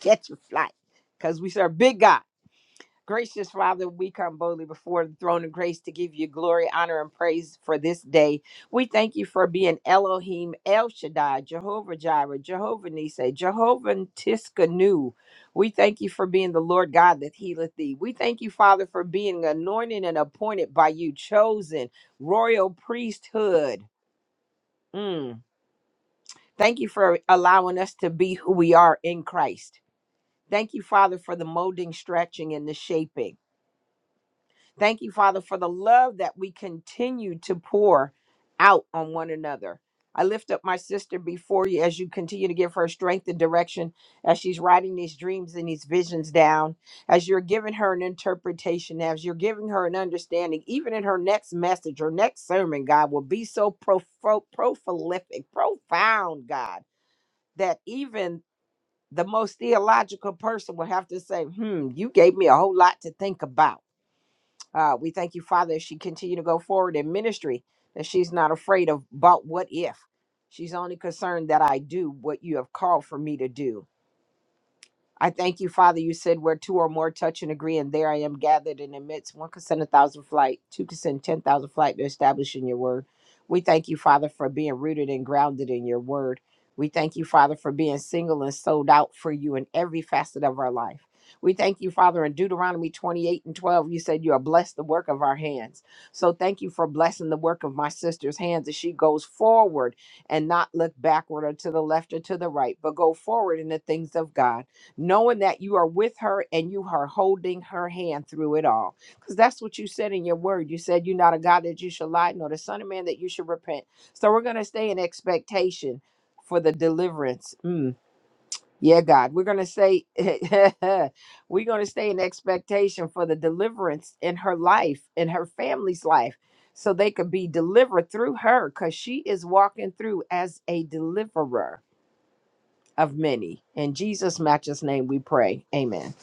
A: Catch a flight because we serve big God. Gracious Father, we come boldly before the throne of grace to give you glory, honor, and praise for this day. We thank you for being Elohim, El Shaddai, Jehovah Jireh, Jehovah Nisei, Jehovah Tiskanu. We thank you for being the Lord God that healeth thee. We thank you, Father, for being anointed and appointed by you, chosen royal priesthood. Mm. Thank you for allowing us to be who we are in Christ. Thank you, Father, for the molding, stretching, and the shaping. Thank you, Father, for the love that we continue to pour out on one another. I lift up my sister before you as you continue to give her strength and direction as she's writing these dreams and these visions down, as you're giving her an interpretation, as you're giving her an understanding, even in her next message, her next sermon, God, will be so profo- prolific, profound, God, that even the most theological person will have to say, hmm, you gave me a whole lot to think about uh, we thank you, Father, as she continue to go forward in ministry, that she's not afraid of about what if. She's only concerned that I do what you have called for me to do. I thank you, Father. You said where two or more touch and agree, and there I am gathered in the midst. One can send a thousand flight, two can send ten thousand flight. They're establishing your word. We thank you, Father, for being rooted and grounded in your word. We thank you, Father, for being single and sold out for you in every facet of our life. We thank you, Father, in Deuteronomy 28 and 12, you said you are blessed the work of our hands. So thank you for blessing the work of my sister's hands as she goes forward and not look backward or to the left or to the right, but go forward in the things of God knowing that you are with her and you are holding her hand through it all. Because that's what you said in your word. You said you're not a God that you should lie, nor the Son of Man that you should repent. So we're going to stay in expectation for the deliverance. Mm, yeah, God. We're going to say, we're going to stay in expectation for the deliverance in her life, in her family's life. So they could be delivered through her because she is walking through as a deliverer of many. In Jesus' matchless name we pray. Amen.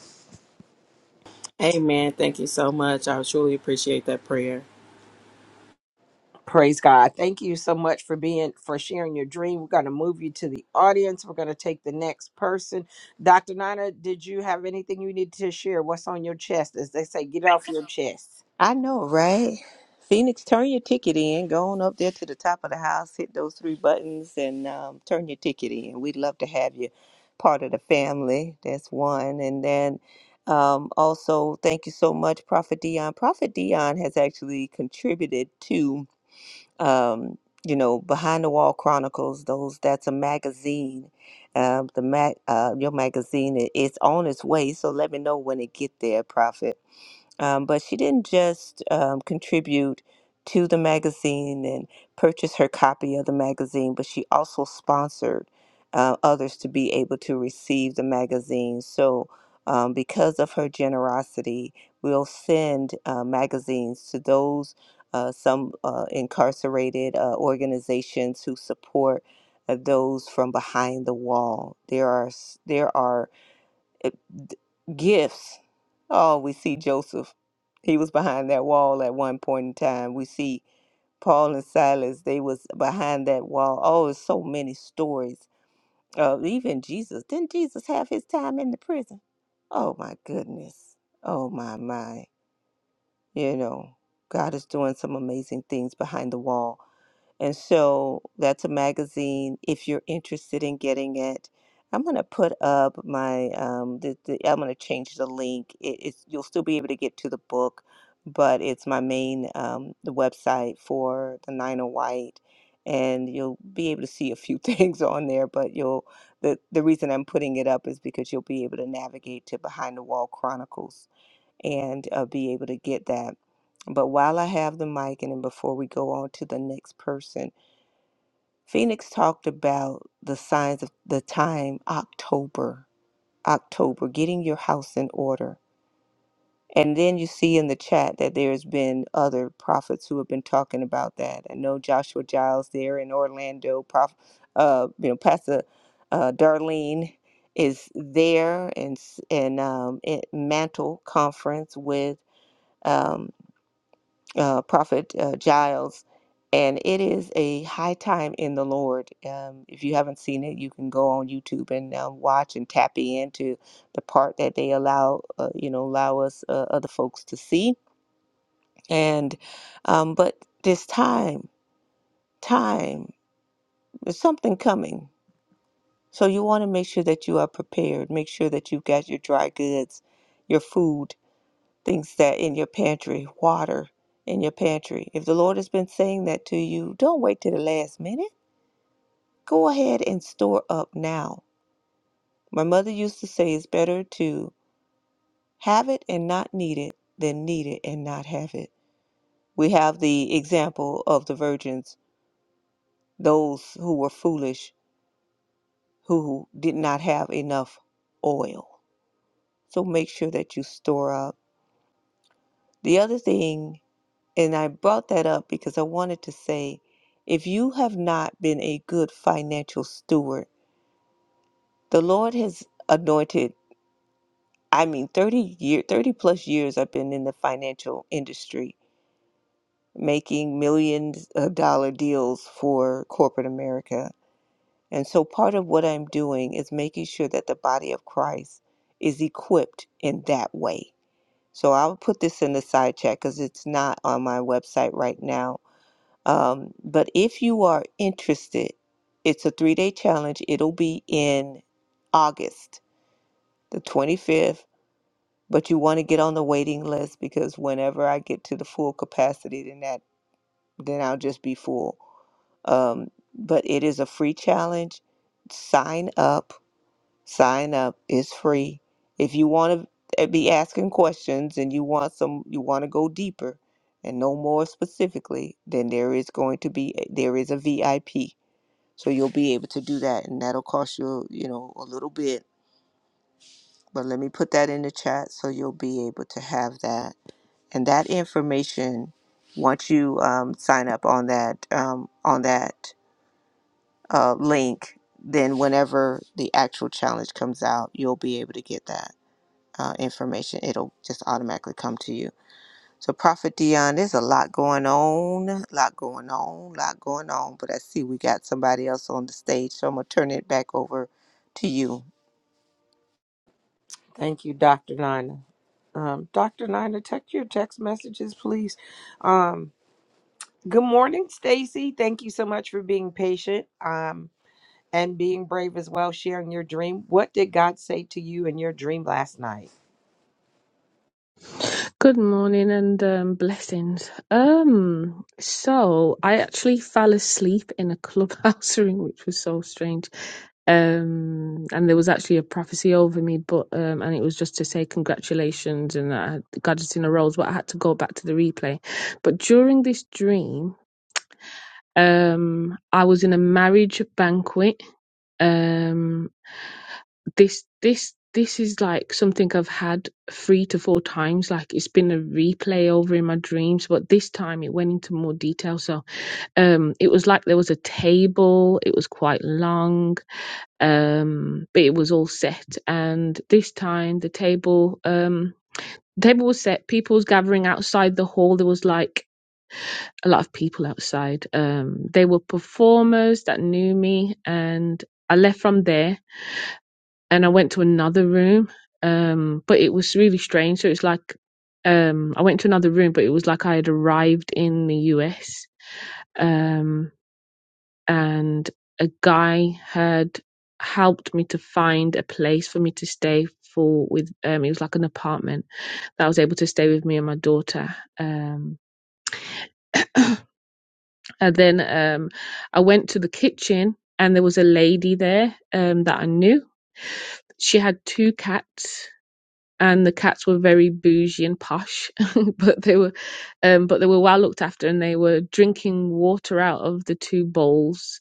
D: Amen. Thank you so much. I truly appreciate that prayer.
A: Praise God. Thank you so much for being for sharing your dream. We're going to move you to the audience. We're going to take the next person. Dr. Nina, did you have anything you need to share? What's on your chest? As they say, get off your chest.
B: I know, right? Phoenix, turn your ticket in. Go on up there to the top of the house, hit those three buttons, and um, turn your ticket in. We'd love to have you part of the family. That's one. And then um, also, thank you so much, Prophet Dion. Prophet Dion has actually contributed to, um, you know, Behind the Wall Chronicles. Those that's a magazine. Um, the mag, uh, your magazine is on its way. So let me know when it get there, Prophet. Um, but she didn't just um, contribute to the magazine and purchase her copy of the magazine, but she also sponsored uh, others to be able to receive the magazine. So, um, because of her generosity, we'll send uh, magazines to those. Uh, some uh, incarcerated uh, organizations who support uh, those from behind the wall. There are s- there are uh, d- gifts. Oh, we see Joseph. He was behind that wall at one point in time. We see Paul and Silas. They was behind that wall. Oh, there's so many stories. Uh, even Jesus. Didn't Jesus have his time in the prison? Oh my goodness. Oh my my. You know, God is doing some amazing things behind the wall. And so that's a magazine. If you're interested in getting it, I'm gonna put up my um the, the I'm gonna change the link. It, it's you'll still be able to get to the book, but it's my main um the website for the Nine of White, and you'll be able to see a few things on there. But you'll the the reason I'm putting it up is because you'll be able to navigate to Behind the Wall Chronicles and uh, be able to get that. But while I have the mic, and then before we go on to the next person. Phoenix talked about the signs of the time October, October, getting your house in order. And then you see in the chat that there's been other prophets who have been talking about that. I know Joshua Giles there in Orlando, Prof, uh, you know, Pastor uh, Darlene is there and s- and um, at Mantle Conference with um, uh, Prophet uh, Giles, and it is a high time in the Lord. Um, if you haven't seen it, you can go on YouTube and um, watch and tap into the part that they allow, uh, you know, allow us uh, other folks to see. And um, but this time, time, there's something coming. So you want to make sure that you are prepared. Make sure that you've got your dry goods, your food. things that in your pantry, water in your pantry. If the Lord has been saying that to you, don't wait till the last minute. Go ahead and store up now. My mother used to say it's better to have it and not need it than need it and not have it. We have the example of the virgins, those who were foolish, who did not have enough oil. So make sure that you store up. The other thing And I brought that up because I wanted to say if you have not been a good financial steward, the Lord has anointed, I mean, 30 year 30 plus years I've been in the financial industry making millions of dollar deals for corporate America. And so part of what I'm doing is making sure that the body of Christ is equipped in that way. So I'll put this in the side chat because it's not on my website right now Um, but if you are interested, it's a three day challenge. It'll be in August, the 25th. But you want to get on the waiting list because whenever I get to the full capacity, then that then I'll just be full. Um, but it is a free challenge. Sign up. Sign up. It's free. If you want to be asking questions and you want some, you want to go deeper and know more specifically, then there is going to be there is a VIP so you'll be able to do that, and that'll cost you, you know, a little bit. But let me put that in the chat so you'll be able to have that. And that information, once you um, sign up on that um, on that uh, link, then whenever the actual challenge comes out, you'll be able to get that uh, information. It'll just automatically come to you. So, Prophet Dion, there's a lot going on, a lot going on, a lot going on. But I see we got somebody else on the stage, so I'm gonna turn it back over to you.
A: Thank you, Dr. Nina. Um, Dr. Nina, check your text messages, please. Um, good morning, Stacy. Thank you so much for being patient. Um, and being brave as well, sharing your dream. What did God say to you in your dream last night?
E: Good morning and um, blessings. Um, so I actually fell asleep in a clubhouse room, which was so strange. Um, and there was actually a prophecy over me, but um, and it was just to say congratulations and that I had got it in a rose, but I had to go back to the replay. But during this dream, um, I was in a marriage banquet, um, this this this is like something I've had three to four times. Like it's been a replay over in my dreams, but this time it went into more detail. So um it was like there was a table, it was quite long, um, but it was all set. And this time the table um the table was set, people was gathering outside the hall. There was like a lot of people outside. Um they were performers that knew me and I left from there and I went to another room. Um, but it was really strange. So it's like um, I went to another room, but it was like I had arrived in the US. Um, and a guy had helped me to find a place for me to stay for with um it was like an apartment that I was able to stay with me and my daughter. Um and then um I went to the kitchen and there was a lady there um that I knew she had two cats and the cats were very bougie and posh, but they were, um, but they were well looked after, and they were drinking water out of the two bowls,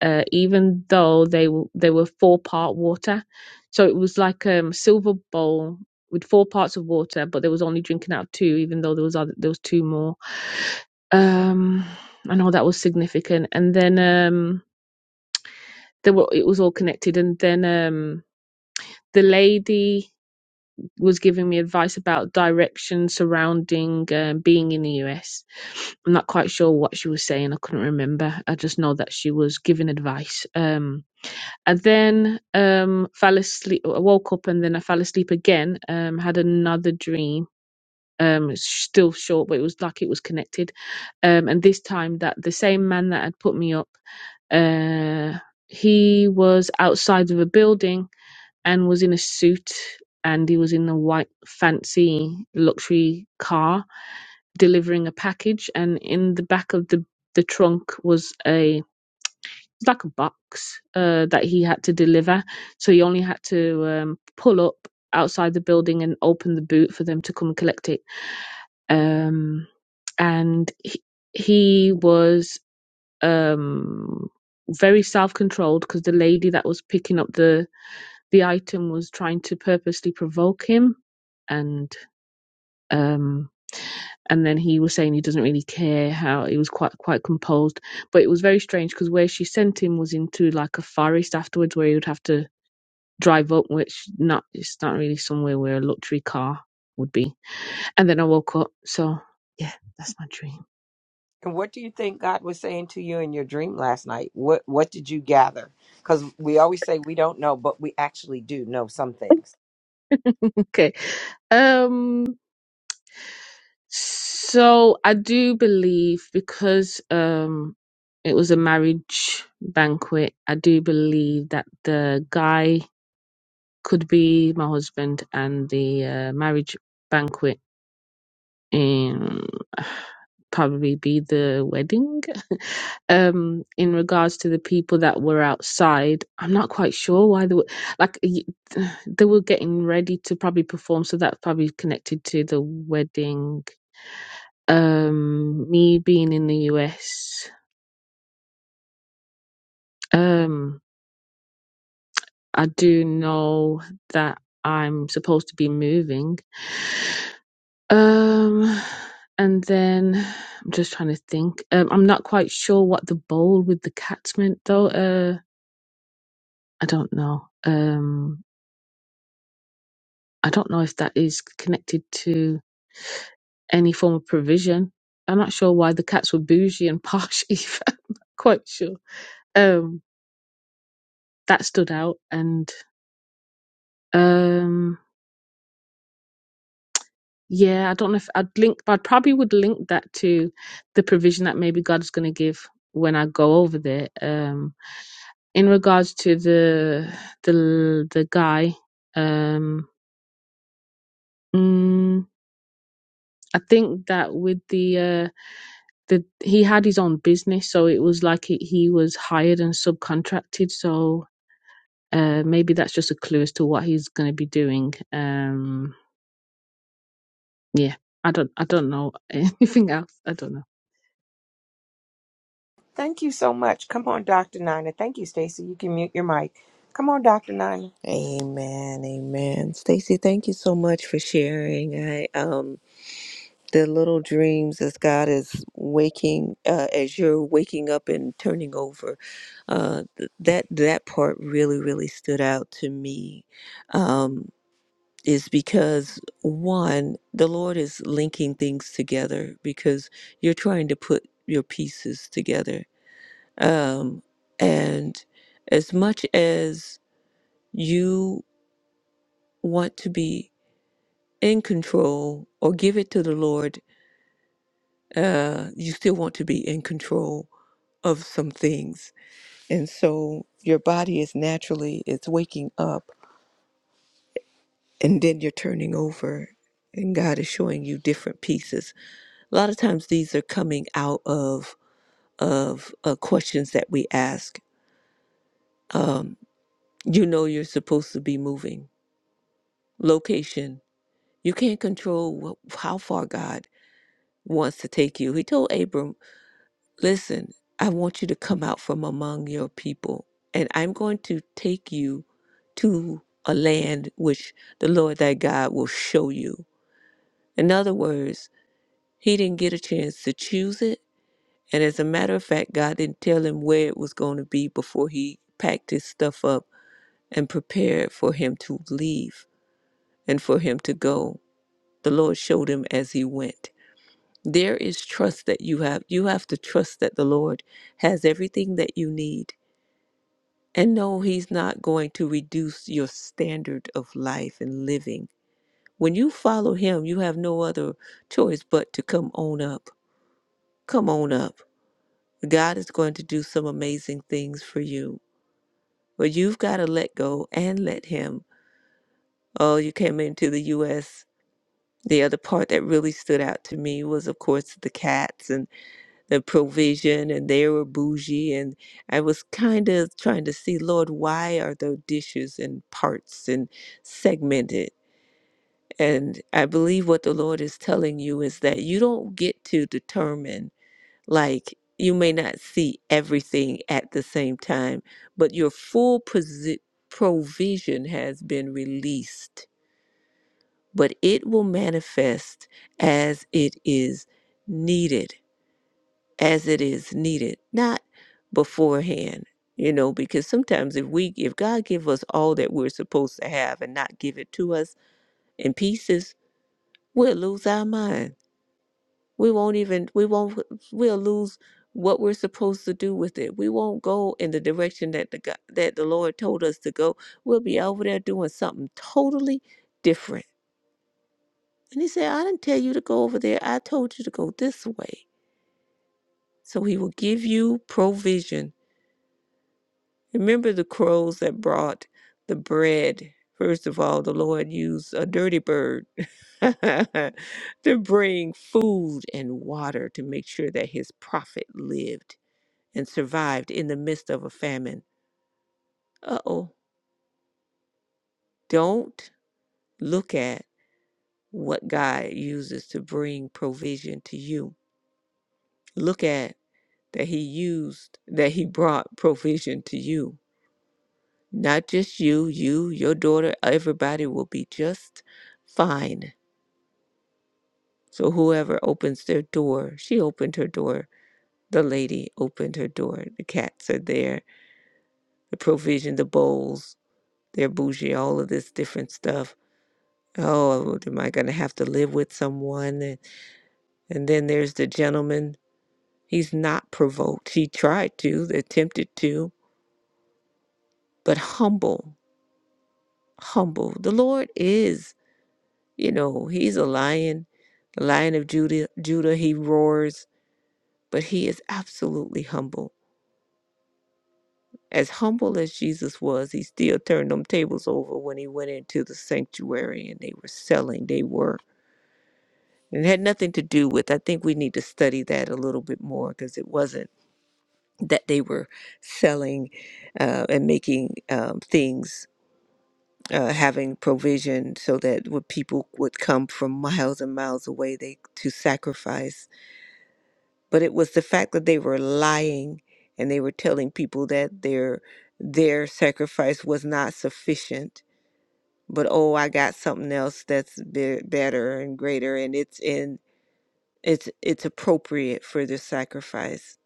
E: uh, even though they w- they were four part water, so it was like um, a silver bowl with four parts of water, but they was only drinking out two, even though there was other, there was two more. Um, I know that was significant, and then um, they were it was all connected, and then um, the lady was giving me advice about direction surrounding um, being in the US. I'm not quite sure what she was saying. I couldn't remember. I just know that she was giving advice. Um, and then um, fell asleep. I woke up and then I fell asleep again. Um, had another dream. Um, it's still short, but it was like it was connected. Um, and this time that the same man that had put me up, uh, he was outside of a building and was in a suit and he was in a white fancy luxury car delivering a package and in the back of the the trunk was a like a box uh, that he had to deliver so he only had to um, pull up outside the building and open the boot for them to come and collect it um, and he, he was um, very self-controlled because the lady that was picking up the the item was trying to purposely provoke him and um and then he was saying he doesn't really care how he was quite quite composed but it was very strange because where she sent him was into like a forest afterwards where he would have to drive up which not it's not really somewhere where a luxury car would be and then i woke up so yeah that's my dream
A: And what do you think God was saying to you in your dream last night? What what did you gather? Because we always say we don't know, but we actually do know some things.
E: okay um So I do believe because um it was a marriage banquet, I do believe that the guy could be my husband and the uh, marriage banquet in probably be the wedding. um in regards to the people that were outside, I'm not quite sure why they were like y- they were getting ready to probably perform so that's probably connected to the wedding um, me being in the US, um, I do know that I'm supposed to be moving. Um, and then I'm just trying to think. Um, I'm not quite sure what the bowl with the cats meant though. Uh, I don't know. Um, I don't know if that is connected to any form of provision. I'm not sure why the cats were bougie and posh either. I'm not quite sure. Um, that stood out and um. Yeah, I don't know if I'd link, but I probably would link that to the provision that maybe God is going to give when I go over there. Um, in regards to the the the guy, um, mm, I think that with the uh, the he had his own business, so it was like he, he was hired and subcontracted. So uh, maybe that's just a clue as to what he's going to be doing. Um, yeah, I don't I don't know anything else. I don't know.
A: Thank you so much. Come on, Dr. Nina. Thank you, Stacy. You can mute your mic. Come on, Dr. Nina.
B: Amen, amen. Stacy, thank you so much for sharing. I um the little dreams as God is waking uh, as you're waking up and turning over. Uh th- that that part really really stood out to me. Um is because one, the Lord is linking things together because you're trying to put your pieces together. Um, and as much as you want to be in control or give it to the Lord, uh, you still want to be in control of some things. And so your body is naturally it's waking up and then you're turning over and God is showing you different pieces a lot of times these are coming out of of uh, questions that we ask um, you know you're supposed to be moving location you can't control wh- how far god wants to take you he told abram listen i want you to come out from among your people and i'm going to take you to a land which the lord thy god will show you in other words he didn't get a chance to choose it And as a matter of fact, God didn't tell him where it was going to be before he packed his stuff up and prepared for him to leave and for him to go. The Lord showed him as he went. There is trust that you have. You have to trust that the Lord has everything that you need. And no, he's not going to reduce your standard of life and living. When you follow him, you have no other choice but to come on up. Come on up. God is going to do some amazing things for you. But you've got to let go and let him. Oh, you came into the U.S. The other part that really stood out to me was, of course, the cats and the provision, and they were bougie. And I was kind of trying to see, Lord, why are the dishes and parts and segmented? And I believe what the Lord is telling you is that you don't get to determine Like you may not see everything at the same time, but your full posi- provision has been released, but it will manifest as it is needed, as it is needed, not beforehand. You know, because sometimes if we if God give us all that we're supposed to have and not give it to us in pieces, we'll lose our mind. we won't even we won't we'll lose what we're supposed to do with it we won't go in the direction that the god that the lord told us to go we'll be over there doing something totally different and he said i didn't tell you to go over there i told you to go this way so he will give you provision remember the crows that brought the bread first of all the lord used a dirty bird to bring food and water to make sure that his prophet lived and survived in the midst of a famine. Uh oh. Don't look at what God uses to bring provision to you. Look at that He used, that He brought provision to you. Not just you, you, your daughter, everybody will be just fine. So whoever opens their door, she opened her door. The lady opened her door. The cats are there. The provision, the bowls, their bougie, all of this different stuff oh, am I going to have to live with someone? And, and then there's the gentleman. He's not provoked. He tried to, attempted to, but humble, humble. The Lord is, you know, he's a lion, the lion of Judah. Judah, he roars, but he is absolutely humble. As humble as Jesus was, he still turned them tables over when he went into the sanctuary and they were selling. They were. And it had nothing to do with, I think we need to study that a little bit more because it wasn't that they were selling uh, and making um, things, uh, having provision so that what people would come from miles and miles away they to sacrifice. But it was the fact that they were lying and they were telling people that their their sacrifice was not sufficient. But oh, I got something else that's be- better and greater, and it's in it's it's appropriate for this sacrifice.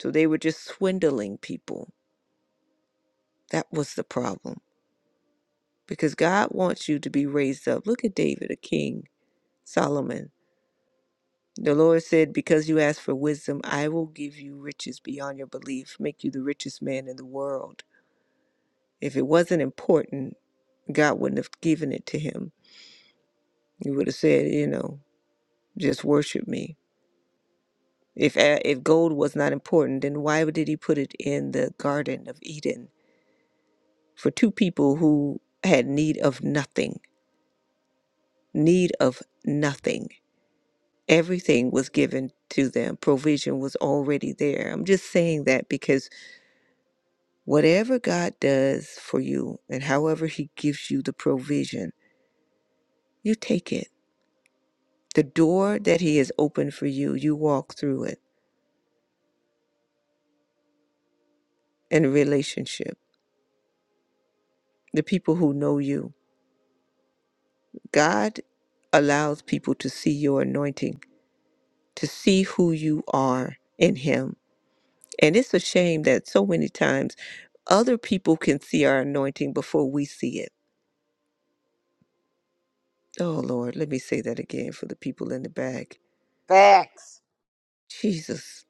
B: So they were just swindling people. That was the problem because God wants you to be raised up. Look at David, a king, Solomon. The Lord said, Because you asked for wisdom, I will give you riches beyond your belief, make you the richest man in the world. If it wasn't important, God wouldn't have given it to him. He would have said, You know, just worship me. If, if gold was not important, then why did he put it in the Garden of Eden for two people who had need of nothing? Need of nothing Everything was given to them, provision was already there. I'm just saying that because whatever God does for you and however He gives you the provision, you take it. The door that He has opened for you, you walk through it in a relationship. The people who know you, God allows people to see your anointing, to see who you are in Him. And it's a shame that so many times other people can see our anointing before we see it Oh Lord, let me say that again for the people in the back.
A: Facts.
B: Jesus,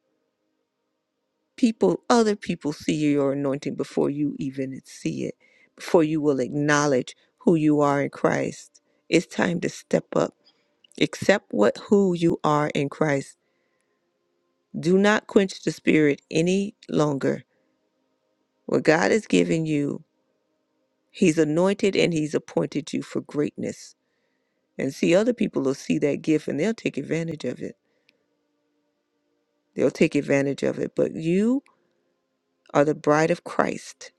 B: people, other people see your anointing before you even see it, before you will acknowledge who you are in Christ. It's time to step up. Accept what who you are in Christ. Do not quench the spirit any longer. What God has given you, He's anointed and He's appointed you for greatness. And see, other people will see that gift and they'll take advantage of it. They'll take advantage of it. But you are the bride of Christ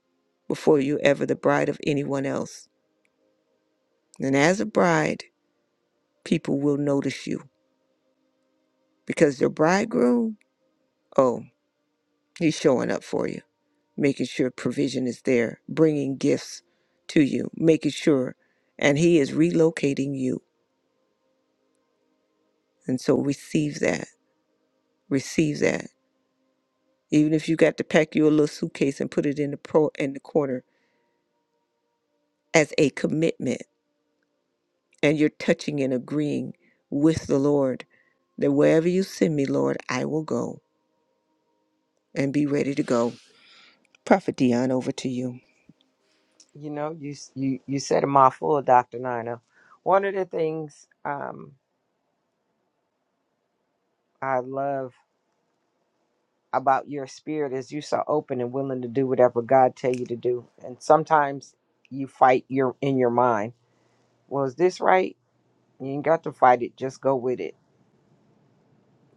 B: before you're ever the bride of anyone else. And as a bride, people will notice you because their bridegroom, oh, he's showing up for you, making sure provision is there, bringing gifts to you, making sure, and he is relocating you. And so receive that, receive that. Even if you got to pack your little suitcase and put it in the pro in the corner as a commitment, and you're touching and agreeing with the Lord that wherever you send me, Lord, I will go and be ready to go. Prophet Dion, over to you.
A: You know, you you you said a mouthful, Dr. Nina. One of the things um, I love about your spirit is you're so open and willing to do whatever God tell you to do. And sometimes you fight your in your mind. Was this right? You ain't got to fight it. Just go with it.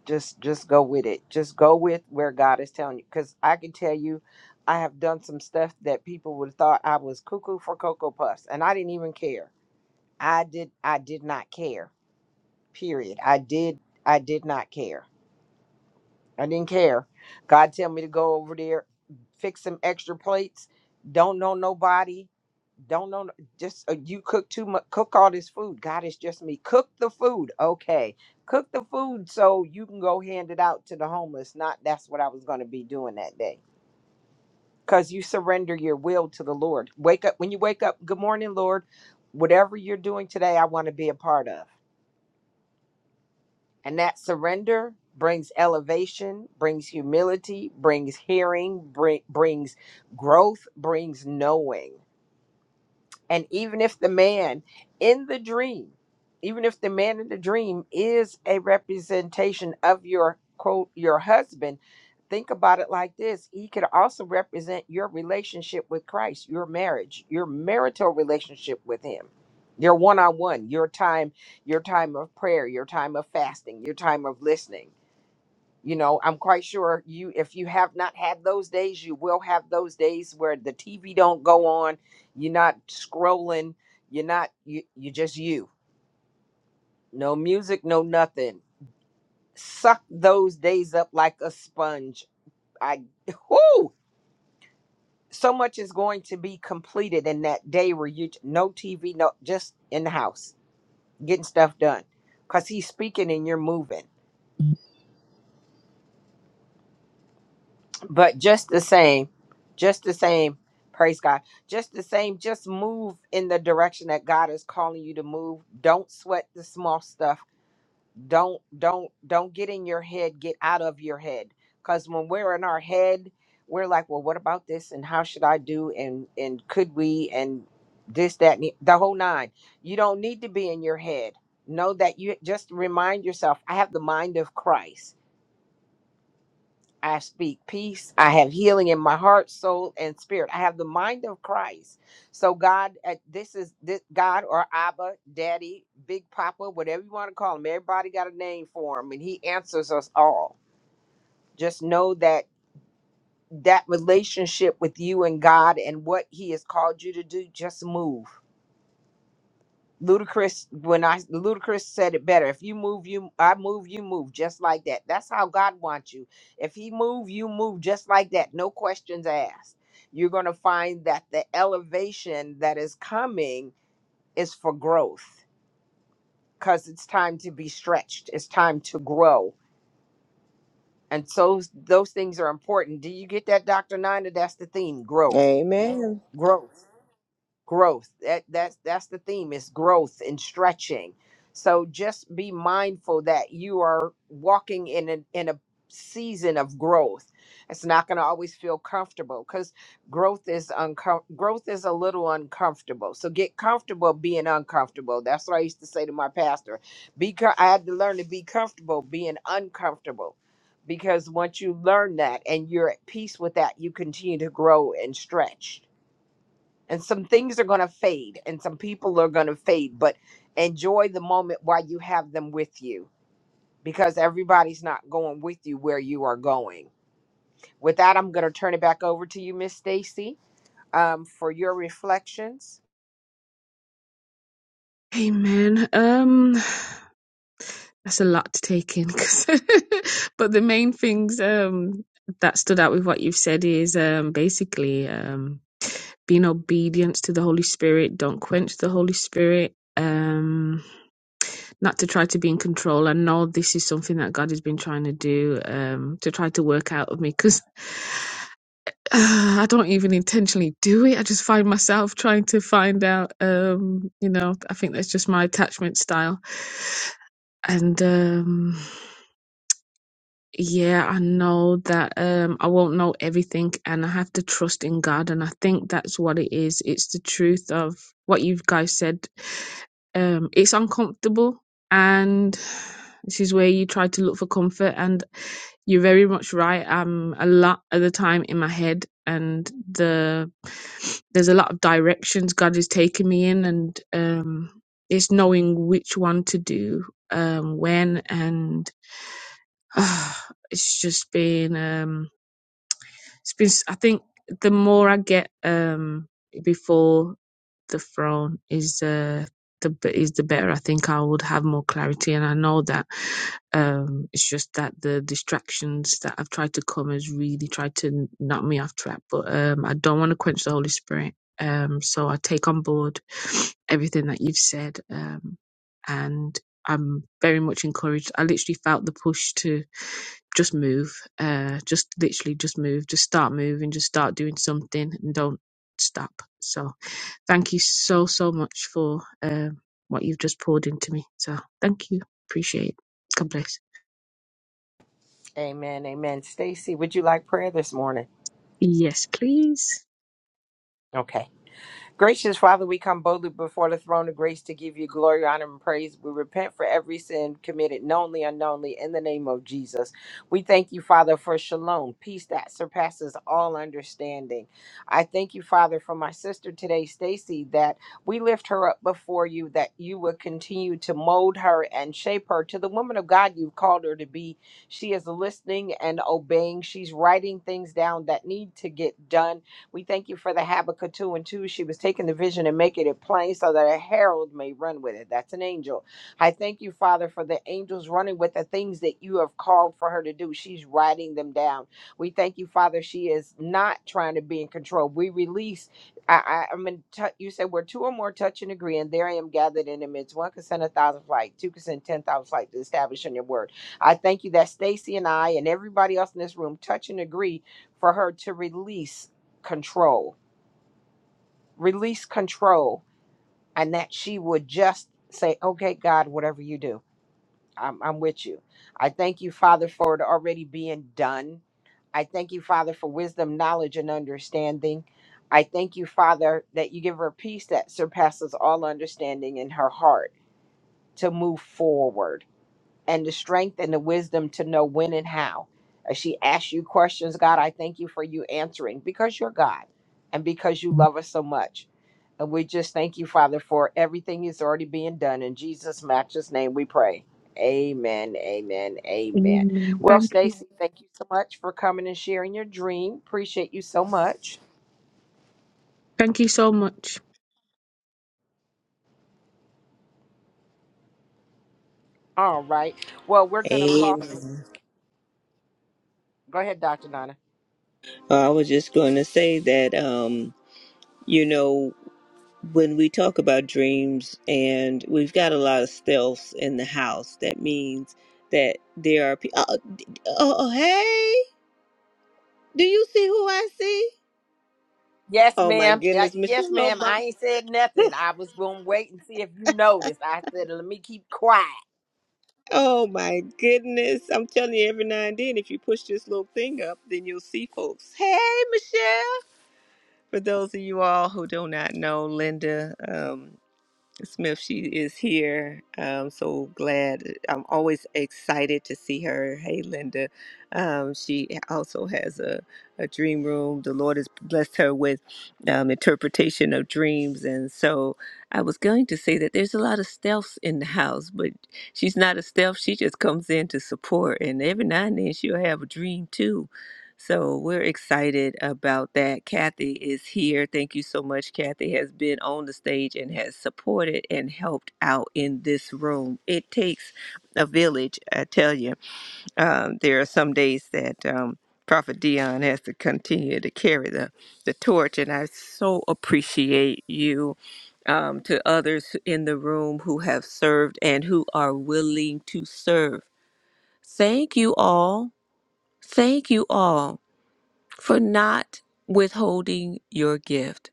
A: Just just go with it. Just go with where God is telling you. Because I can tell you, I have done some stuff that people would have thought I was cuckoo for cocoa puffs, and I didn't even care. I did I did not care. Period. I did I did not care. I didn't care. God tell me to go over there, fix some extra plates. Don't know nobody don't know just uh, you cook too much cook all this food god it's just me cook the food okay cook the food so you can go hand it out to the homeless not that's what i was going to be doing that day because you surrender your will to the lord wake up when you wake up good morning lord whatever you're doing today i want to be a part of and that surrender brings elevation brings humility brings hearing bring, brings growth brings knowing And even if the man in the dream, even if the man in the dream is a representation of your quote, your husband, think about it like this. He could also represent your relationship with Christ, your marriage, your marital relationship with him, your one on one, your time, your time of prayer, your time of fasting, your time of listening you know i'm quite sure you if you have not had those days you will have those days where the tv don't go on you're not scrolling you're not you you just you no music no nothing suck those days up like a sponge i whoo so much is going to be completed in that day where you no tv no just in the house getting stuff done because he's speaking and you're moving but just the same just the same praise god just the same just move in the direction that god is calling you to move don't sweat the small stuff don't don't don't get in your head get out of your head because when we're in our head we're like well what about this and how should i do and and could we and this that and the the whole nine you don't need to be in your head know that you just remind yourself i have the mind of christ I speak peace. I have healing in my heart, soul, and spirit. I have the mind of Christ. So God, uh, this is this God or Abba, Daddy, Big Papa, whatever you want to call him. Everybody got a name for him, and He answers us all. Just know that that relationship with you and God and what He has called you to do, just move. Ludacris, when I Ludacris said it better. If you move, you I move, you move just like that. That's how God wants you. If He move, you move just like that. No questions asked. You're gonna find that the elevation that is coming is for growth, cause it's time to be stretched. It's time to grow, and so those things are important. Do you get that, Doctor Nina? That's the theme: growth,
B: Amen.
A: growth. growth that that's that's the theme is growth and stretching so just be mindful that you are walking in an, in a season of growth it's not going to always feel comfortable because growth is uncom- growth is a little uncomfortable so get comfortable being uncomfortable that's what i used to say to my pastor be co- i had to learn to be comfortable being uncomfortable because once you learn that and you're at peace with that you continue to grow and stretch and some things are going to fade and some people are going to fade but enjoy the moment while you have them with you because everybody's not going with you where you are going with that i'm going to turn it back over to you miss stacy um, for your reflections
E: Amen. Um, that's a lot to take in 'cause- but the main things um that stood out with what you've said is um basically um being obedient to the holy spirit don't quench the holy spirit um not to try to be in control i know this is something that god has been trying to do um to try to work out of me because uh, I don't even intentionally do it. I just find myself trying to find out. Um, you know, I think that's just my attachment style, and um, yeah, I know that um, I won't know everything and I have to trust in God. And I think that's what it is. It's the truth of what you guys said. Um, it's uncomfortable. And this is where you try to look for comfort. And you're very much right. I'm a lot of the time in my head. And the there's a lot of directions God is taking me in. And um, it's knowing which one to do um, when. it's just been um it's been I think the more i get um before the throne is uh, the b- is the better. I think I would have more clarity, and I know that um, it's just that the distractions that I've tried to come has really tried to knock me off track. But um, I don't want to quench the Holy Spirit, um, so I take on board everything that you've said, um, and I'm very much encouraged. I literally felt the push to just move, uh, just literally just move, just start moving, just start doing something, and don't stop. So Thank you so, so much for um, what you've just poured into me. So thank you. Appreciate it. God bless.
A: amen amen stacy would you like prayer this morning
E: Yes, please.
A: okay Gracious Father, we come boldly before the throne of grace to give you glory, honor, and praise. We repent for every sin committed knowingly, unknowingly, in the name of Jesus. We thank you, Father, for shalom, peace that surpasses all understanding. I thank you, Father, for my sister today, Stacy, that we lift her up before you, that you will continue to mold her and shape her to the woman of God you've called her to be. She is listening and obeying. She's writing things down that need to get done we thank you for the Habakkuk 2 and 2. She was taking the vision and making it plain so that a herald may run with it. That's an angel. I thank you, Father, for the angels running with the things that you have called for her to do. She's writing them down. We thank you, Father. She is not trying to be in control. We release I, I, I'm in You said where two or more touch and agree, and there I am gathered in the midst. One consent, a thousand flight, two consent, ten thousand flight to establish on your word. I thank you that Stacy and I and everybody else in this room touch and agree for her to release control, release control, and that she would just say, Okay, God, whatever you do, I'm, I'm with you. I thank you, Father, for it already being done. I thank you, Father, for wisdom, knowledge, and understanding. I thank you, Father, that you give her peace that surpasses all understanding in her heart to move forward and the strength and the wisdom to know when and how. As she asks you questions, God, I thank you for you answering because you're God and because you love us so much. And we just thank you, Father, for everything is already being done. In Jesus' matchless name we pray. Amen. Amen. Amen.
E: Amen.
A: Well,
E: Thank you.
A: Stacy, thank you so much for coming and sharing your dream. Appreciate you so much.
E: Thank you so much.
A: All right. Well, we're gonna call this
B: Amen.
A: go ahead, Dr. Nana.
B: I was just going to say that, um, you know, when we talk about dreams and we've got a lot of stealths in the house, that means that there are people. Oh, d- oh, oh, hey, do you see who I see?
A: Yes,
B: Oh my
A: ma'am. Uh,
B: goodness,
A: Yes,
B: Michelle
A: ma'am.
B: Obama.
A: I ain't said nothing. I was gonna wait and see if you noticed. I said, let me keep quiet.
B: Oh my goodness. I'm telling you, every now and then, if you push this little thing up, then you'll see folks. Hey, Michelle. For those of you all who do not know, Linda, um, Smith, she is here. I'm so glad. I'm always excited to see her. Hey, Linda. Um, she also has a, a dream room. The Lord has blessed her with um, interpretation of dreams. And so I was going to say that there's a lot of stealths in the house, but she's not a stealth. She just comes in to support. And every now and then she'll have a dream too so we're excited about that. Kathy is here. Thank you so much. Kathy has been on the stage and has supported and helped out in this room. It takes a village, I tell you. Um, there are some days that um, Prophet Dion has to continue to carry the, the torch, and I so appreciate you. Um, to others in the room who have served and who are willing to serve. Thank you all. Thank you all for not withholding your gift.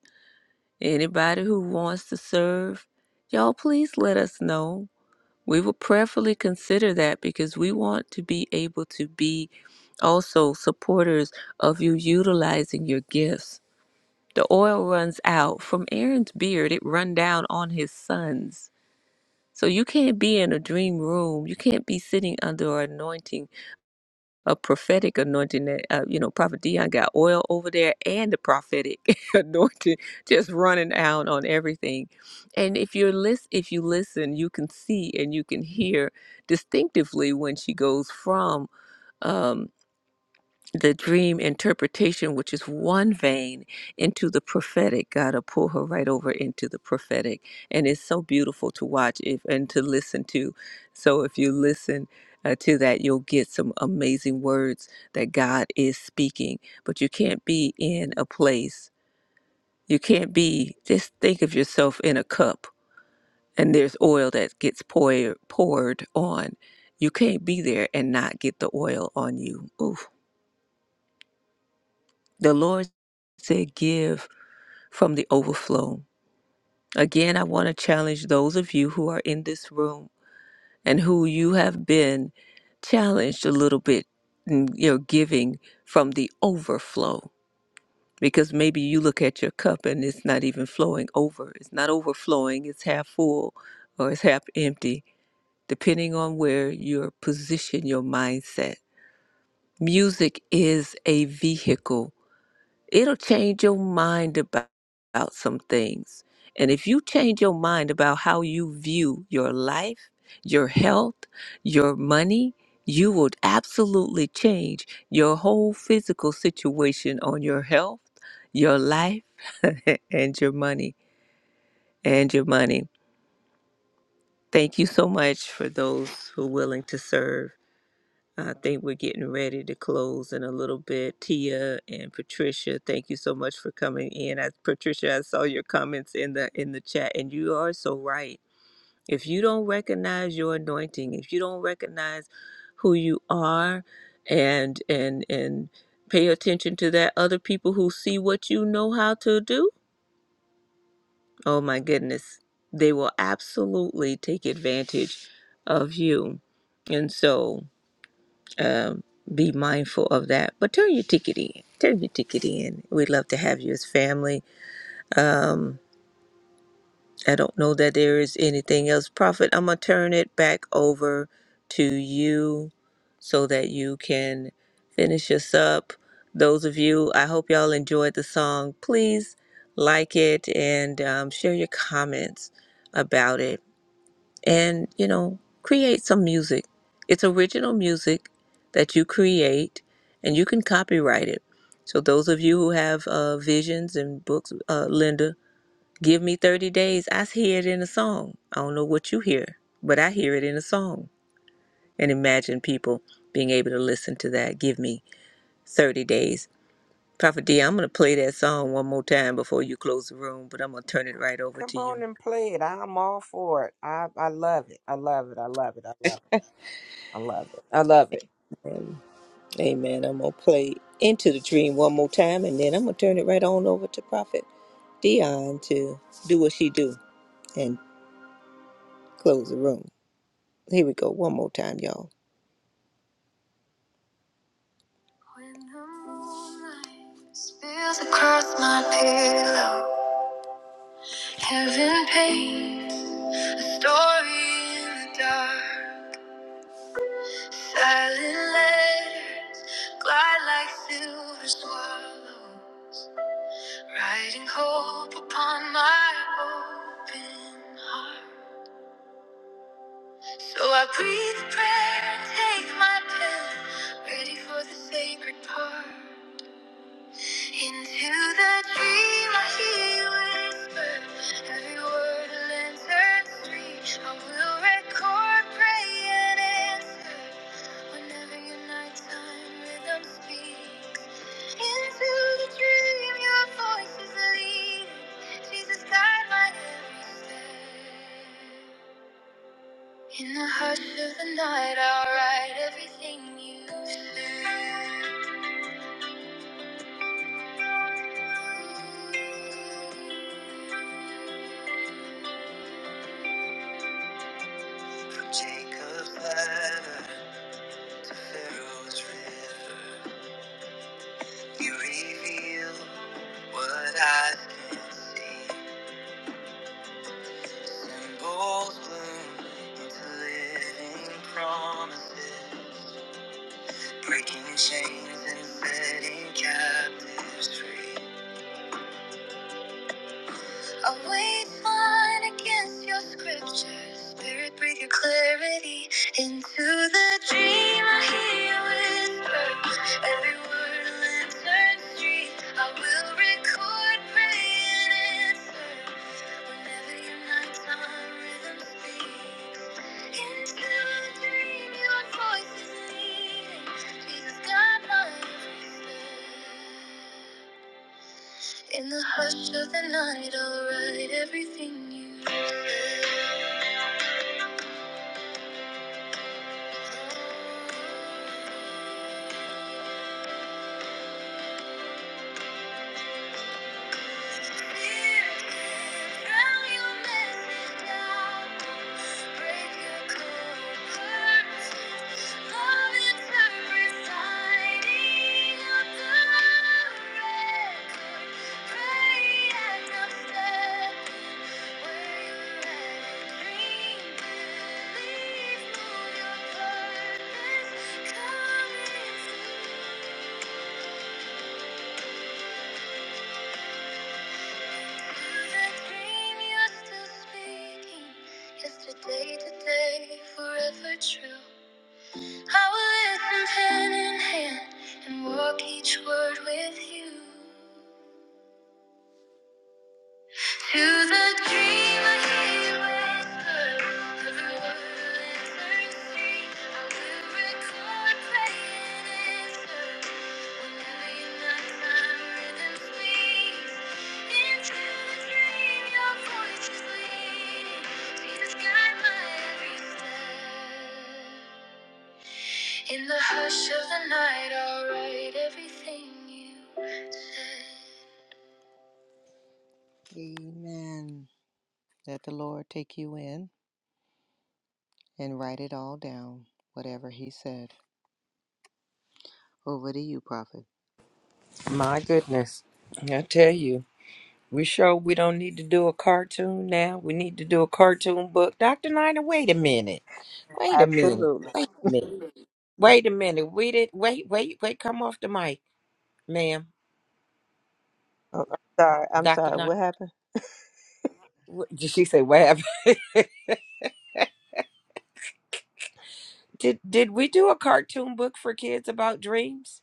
B: Anybody who wants to serve, y'all please let us know. We will prayerfully consider that because we want to be able to be also supporters of you utilizing your gifts. The oil runs out from Aaron's beard, it run down on his sons. So you can't be in a dream room. You can't be sitting under anointing a prophetic anointing that uh, you know prophet dion got oil over there and the prophetic anointing just running out on everything and if you're list if you listen you can see and you can hear distinctively when she goes from um, the dream interpretation, which is one vein, into the prophetic. God will pull her right over into the prophetic. And it's so beautiful to watch if, and to listen to. So if you listen uh, to that, you'll get some amazing words that God is speaking. But you can't be in a place, you can't be, just think of yourself in a cup and there's oil that gets pour, poured on. You can't be there and not get the oil on you. Oof The Lord said, Give from the overflow. Again, I want to challenge those of you who are in this room and who you have been challenged a little bit in your giving from the overflow. Because maybe you look at your cup and it's not even flowing over. It's not overflowing, it's half full or it's half empty, depending on where your position, your mindset. Music is a vehicle It'll change your mind about, about some things. And if you change your mind about how you view your life, your health, your money, you would absolutely change your whole physical situation on your health, your life, and your money. And your money. Thank you so much for those who are willing to serve. I think we're getting ready to close in a little bit. Tia and Patricia, thank you so much for coming in. I, Patricia, I saw your comments in the in the chat, and you are so right. If you don't recognize your anointing, if you don't recognize who you are, and and and pay attention to that, other people who see what you know how to do, oh my goodness, they will absolutely take advantage of you. And so um, be mindful of that. But turn your ticket in. Turn your ticket in. We'd love to have you as family. Um, I don't know that there is anything else. Prophet, I'm going to turn it back over to you so that you can finish us up. Those of you, I hope y'all enjoyed the song. Please like it and um, share your comments about it and you know create some music it's original music that you create and you can copyright it so those of you who have uh, visions and books uh, linda give me 30 days i hear it in a song i don't know what you hear but i hear it in a song and imagine people being able to listen to that give me 30 days prophet d i'm going to play that song one more time before you close the room but i'm going to turn it right over
A: Come
B: to
A: on
B: you
A: and play it. I'm all for it. I I love it. I love it. I love it. I love it. I love it. I love it.
B: Amen. I'm gonna play into the dream one more time, and then I'm gonna turn it right on over to Prophet Dion to do what she do and close the room. Here we go, one more time, y'all. When the moonlight spills across my pillow, heaven paints a story in the dark. Silent letters glide like silver swallow, writing hope upon my open heart. So I breathe prayer and take my pill, ready for the sacred part. Into the dream I hear you whisper, every word a lantern street. I will record, pray and answer, whenever your nighttime rhythm speaks. Into the dream your voice is leading, Jesus guide my every step. In the hush of the night, I'll write everything you said. From Jacob's ladder, Pharaoh's river, you reveal what I can not see. Symbols bloom into living promises, breaking chains and setting captives free. I weighed mine against your scriptures. Spirit, breathe your clarity into the dream. I hear you whisper every word a lantern street. I will record, pray, and answer whenever your nighttime rhythm speaks. Into the dream, your voice is leading. Jesus, guide my every step. In the hush of the night, I'll write everything you said. Thank you Yesterday, today, forever true. I will listen pen in hand and walk each word with you. To the dreamer he whispers, every word returns free. I will record, pray, and answer. Whenever your nighttime rhythm speaks, into the dream your voice is leading. Jesus, guide my every step. In the hush of the night, I'll write everything you said. Amen. Let the Lord take you in. and write it all down, whatever he said. Over to you, Prophet.
A: My goodness. I tell you, we sure we don't need to do a cartoon now. We need to do a cartoon book. Dr. Nina, wait a minute. Wait a minute.
B: Absolutely.
A: Wait a minute. Wait a minute. We did wait, wait, wait, come off the mic, ma'am.
B: Oh, I'm sorry. I'm
A: Dr.
B: sorry. What
A: Nina.
B: happened?
A: What- Did she say what happened? Did did we do a cartoon book for kids about dreams?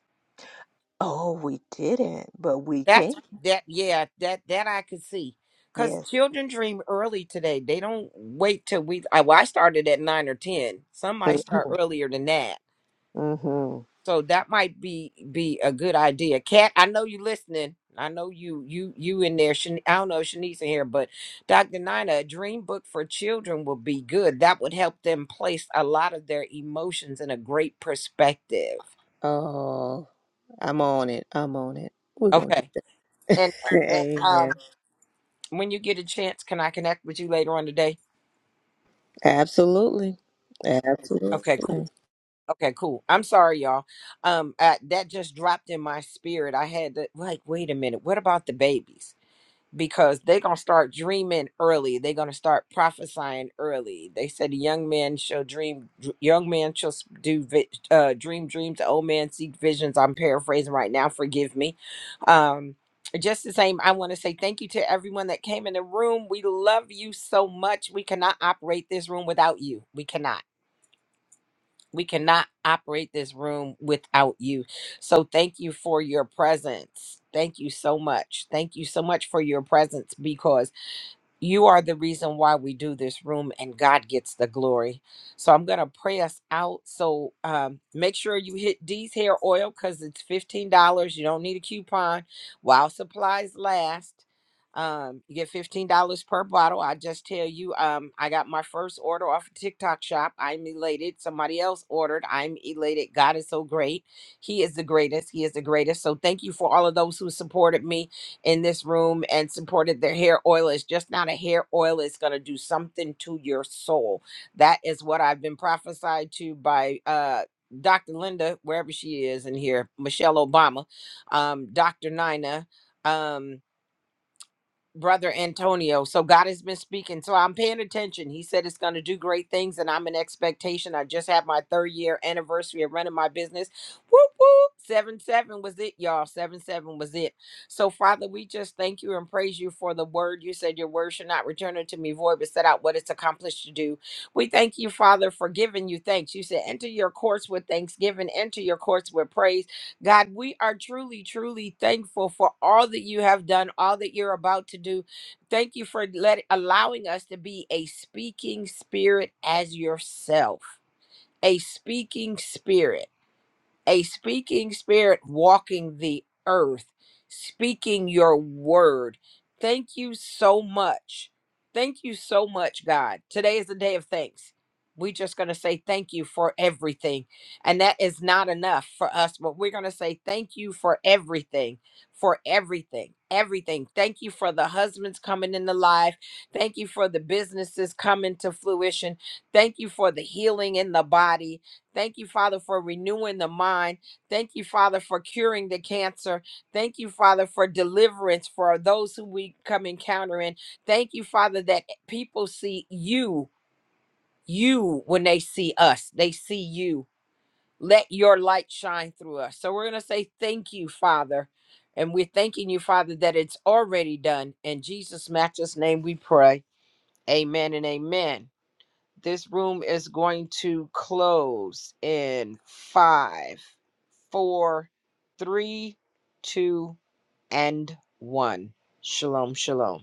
B: Oh, we didn't, but we can.
A: That's that yeah, that that I could see. Cause
B: Yes.
A: children dream early today. They don't wait till we I, well, I started at nine or ten. Some might start earlier than that.
B: Mm-hmm.
A: So that might be be a good idea. Kat, I know you listening. I know you you you in there. Shan- I don't know if Shanice in here, but Dr. Nina, a dream book for children would be good. That would help them place a lot of their emotions in a great perspective.
B: Oh, I'm on it. I'm on it. We're going to
A: Okay. And,
B: do it.
A: and
B: Amen.
A: um, when you get a chance, can I connect with you later on today?
B: Absolutely. Absolutely.
A: Okay, cool. Okay, cool. I'm sorry, y'all. Um, I, that just dropped in my spirit. I had to like, wait a minute. What about the babies? because they're going to start dreaming early. They're going to start prophesying early. They said young men shall dream, dr- young men shall s- do vi- uh, dream dreams, the old man seek visions. I'm paraphrasing right now, forgive me. Um, just the same, I want to say thank you to everyone that came in the room. We love you so much. We cannot operate this room without you. We cannot. We cannot operate this room without you. So thank you for your presence. Thank you so much. Thank you so much for your presence because you are the reason why we do this room and God gets the glory. So I'm going to pray us out. So um, make sure you hit D's hair oil because it's $15. You don't need a coupon while supplies last. Um, you get $15 per bottle. I just tell you, um, I got my first order off of TikTok shop. I'm elated. Somebody else ordered. I'm elated. God is so great. He is the greatest. He is the greatest. So thank you for all of those who supported me in this room and supported their hair oil. It's just not a hair oil, it's going to do something to your soul. That is what I've been prophesied to by uh, Dr. Linda, wherever she is in here, Michelle Obama, um, Dr. Nina. Um, brother Antonio. So God has been speaking. So I'm paying attention. He said it's going to do great things, and I'm in expectation. I just had my third year anniversary of running my business. Whoop whoop. Seven seven was it, y'all. Seven seven was it. So Father, we just thank you and praise you for the word. You said your word should not return unto me void, but set out what it's accomplished to do. We thank you, Father, for giving you thanks. You said enter your courts with thanksgiving, enter your courts with praise. God, we are truly, truly thankful for all that you have done, all that you're about to do. Thank you for let, allowing us to be a speaking spirit as yourself, a speaking spirit a speaking spirit walking the earth, speaking your word. Thank you so much. Thank you so much, God. Today is the day of thanks. We're just going to say thank you for everything. And that is not enough for us, but we're going to say thank you for everything, for everything, everything. Thank you for the husbands coming into life. Thank you for the businesses coming to fruition. Thank you for the healing in the body. Thank you, Father, for renewing the mind. Thank you, Father, for curing the cancer. Thank you, Father, for deliverance for those who we come encountering. Thank you, Father, that people see you, you when they see us, they see you. Let your light shine through us. So we're going to say thank you, Father. And we're thanking you, Father, that it's already done. In Jesus' matchless name we pray. Amen and amen. This room is going to close in five, four, three, two, and one. Shalom, shalom.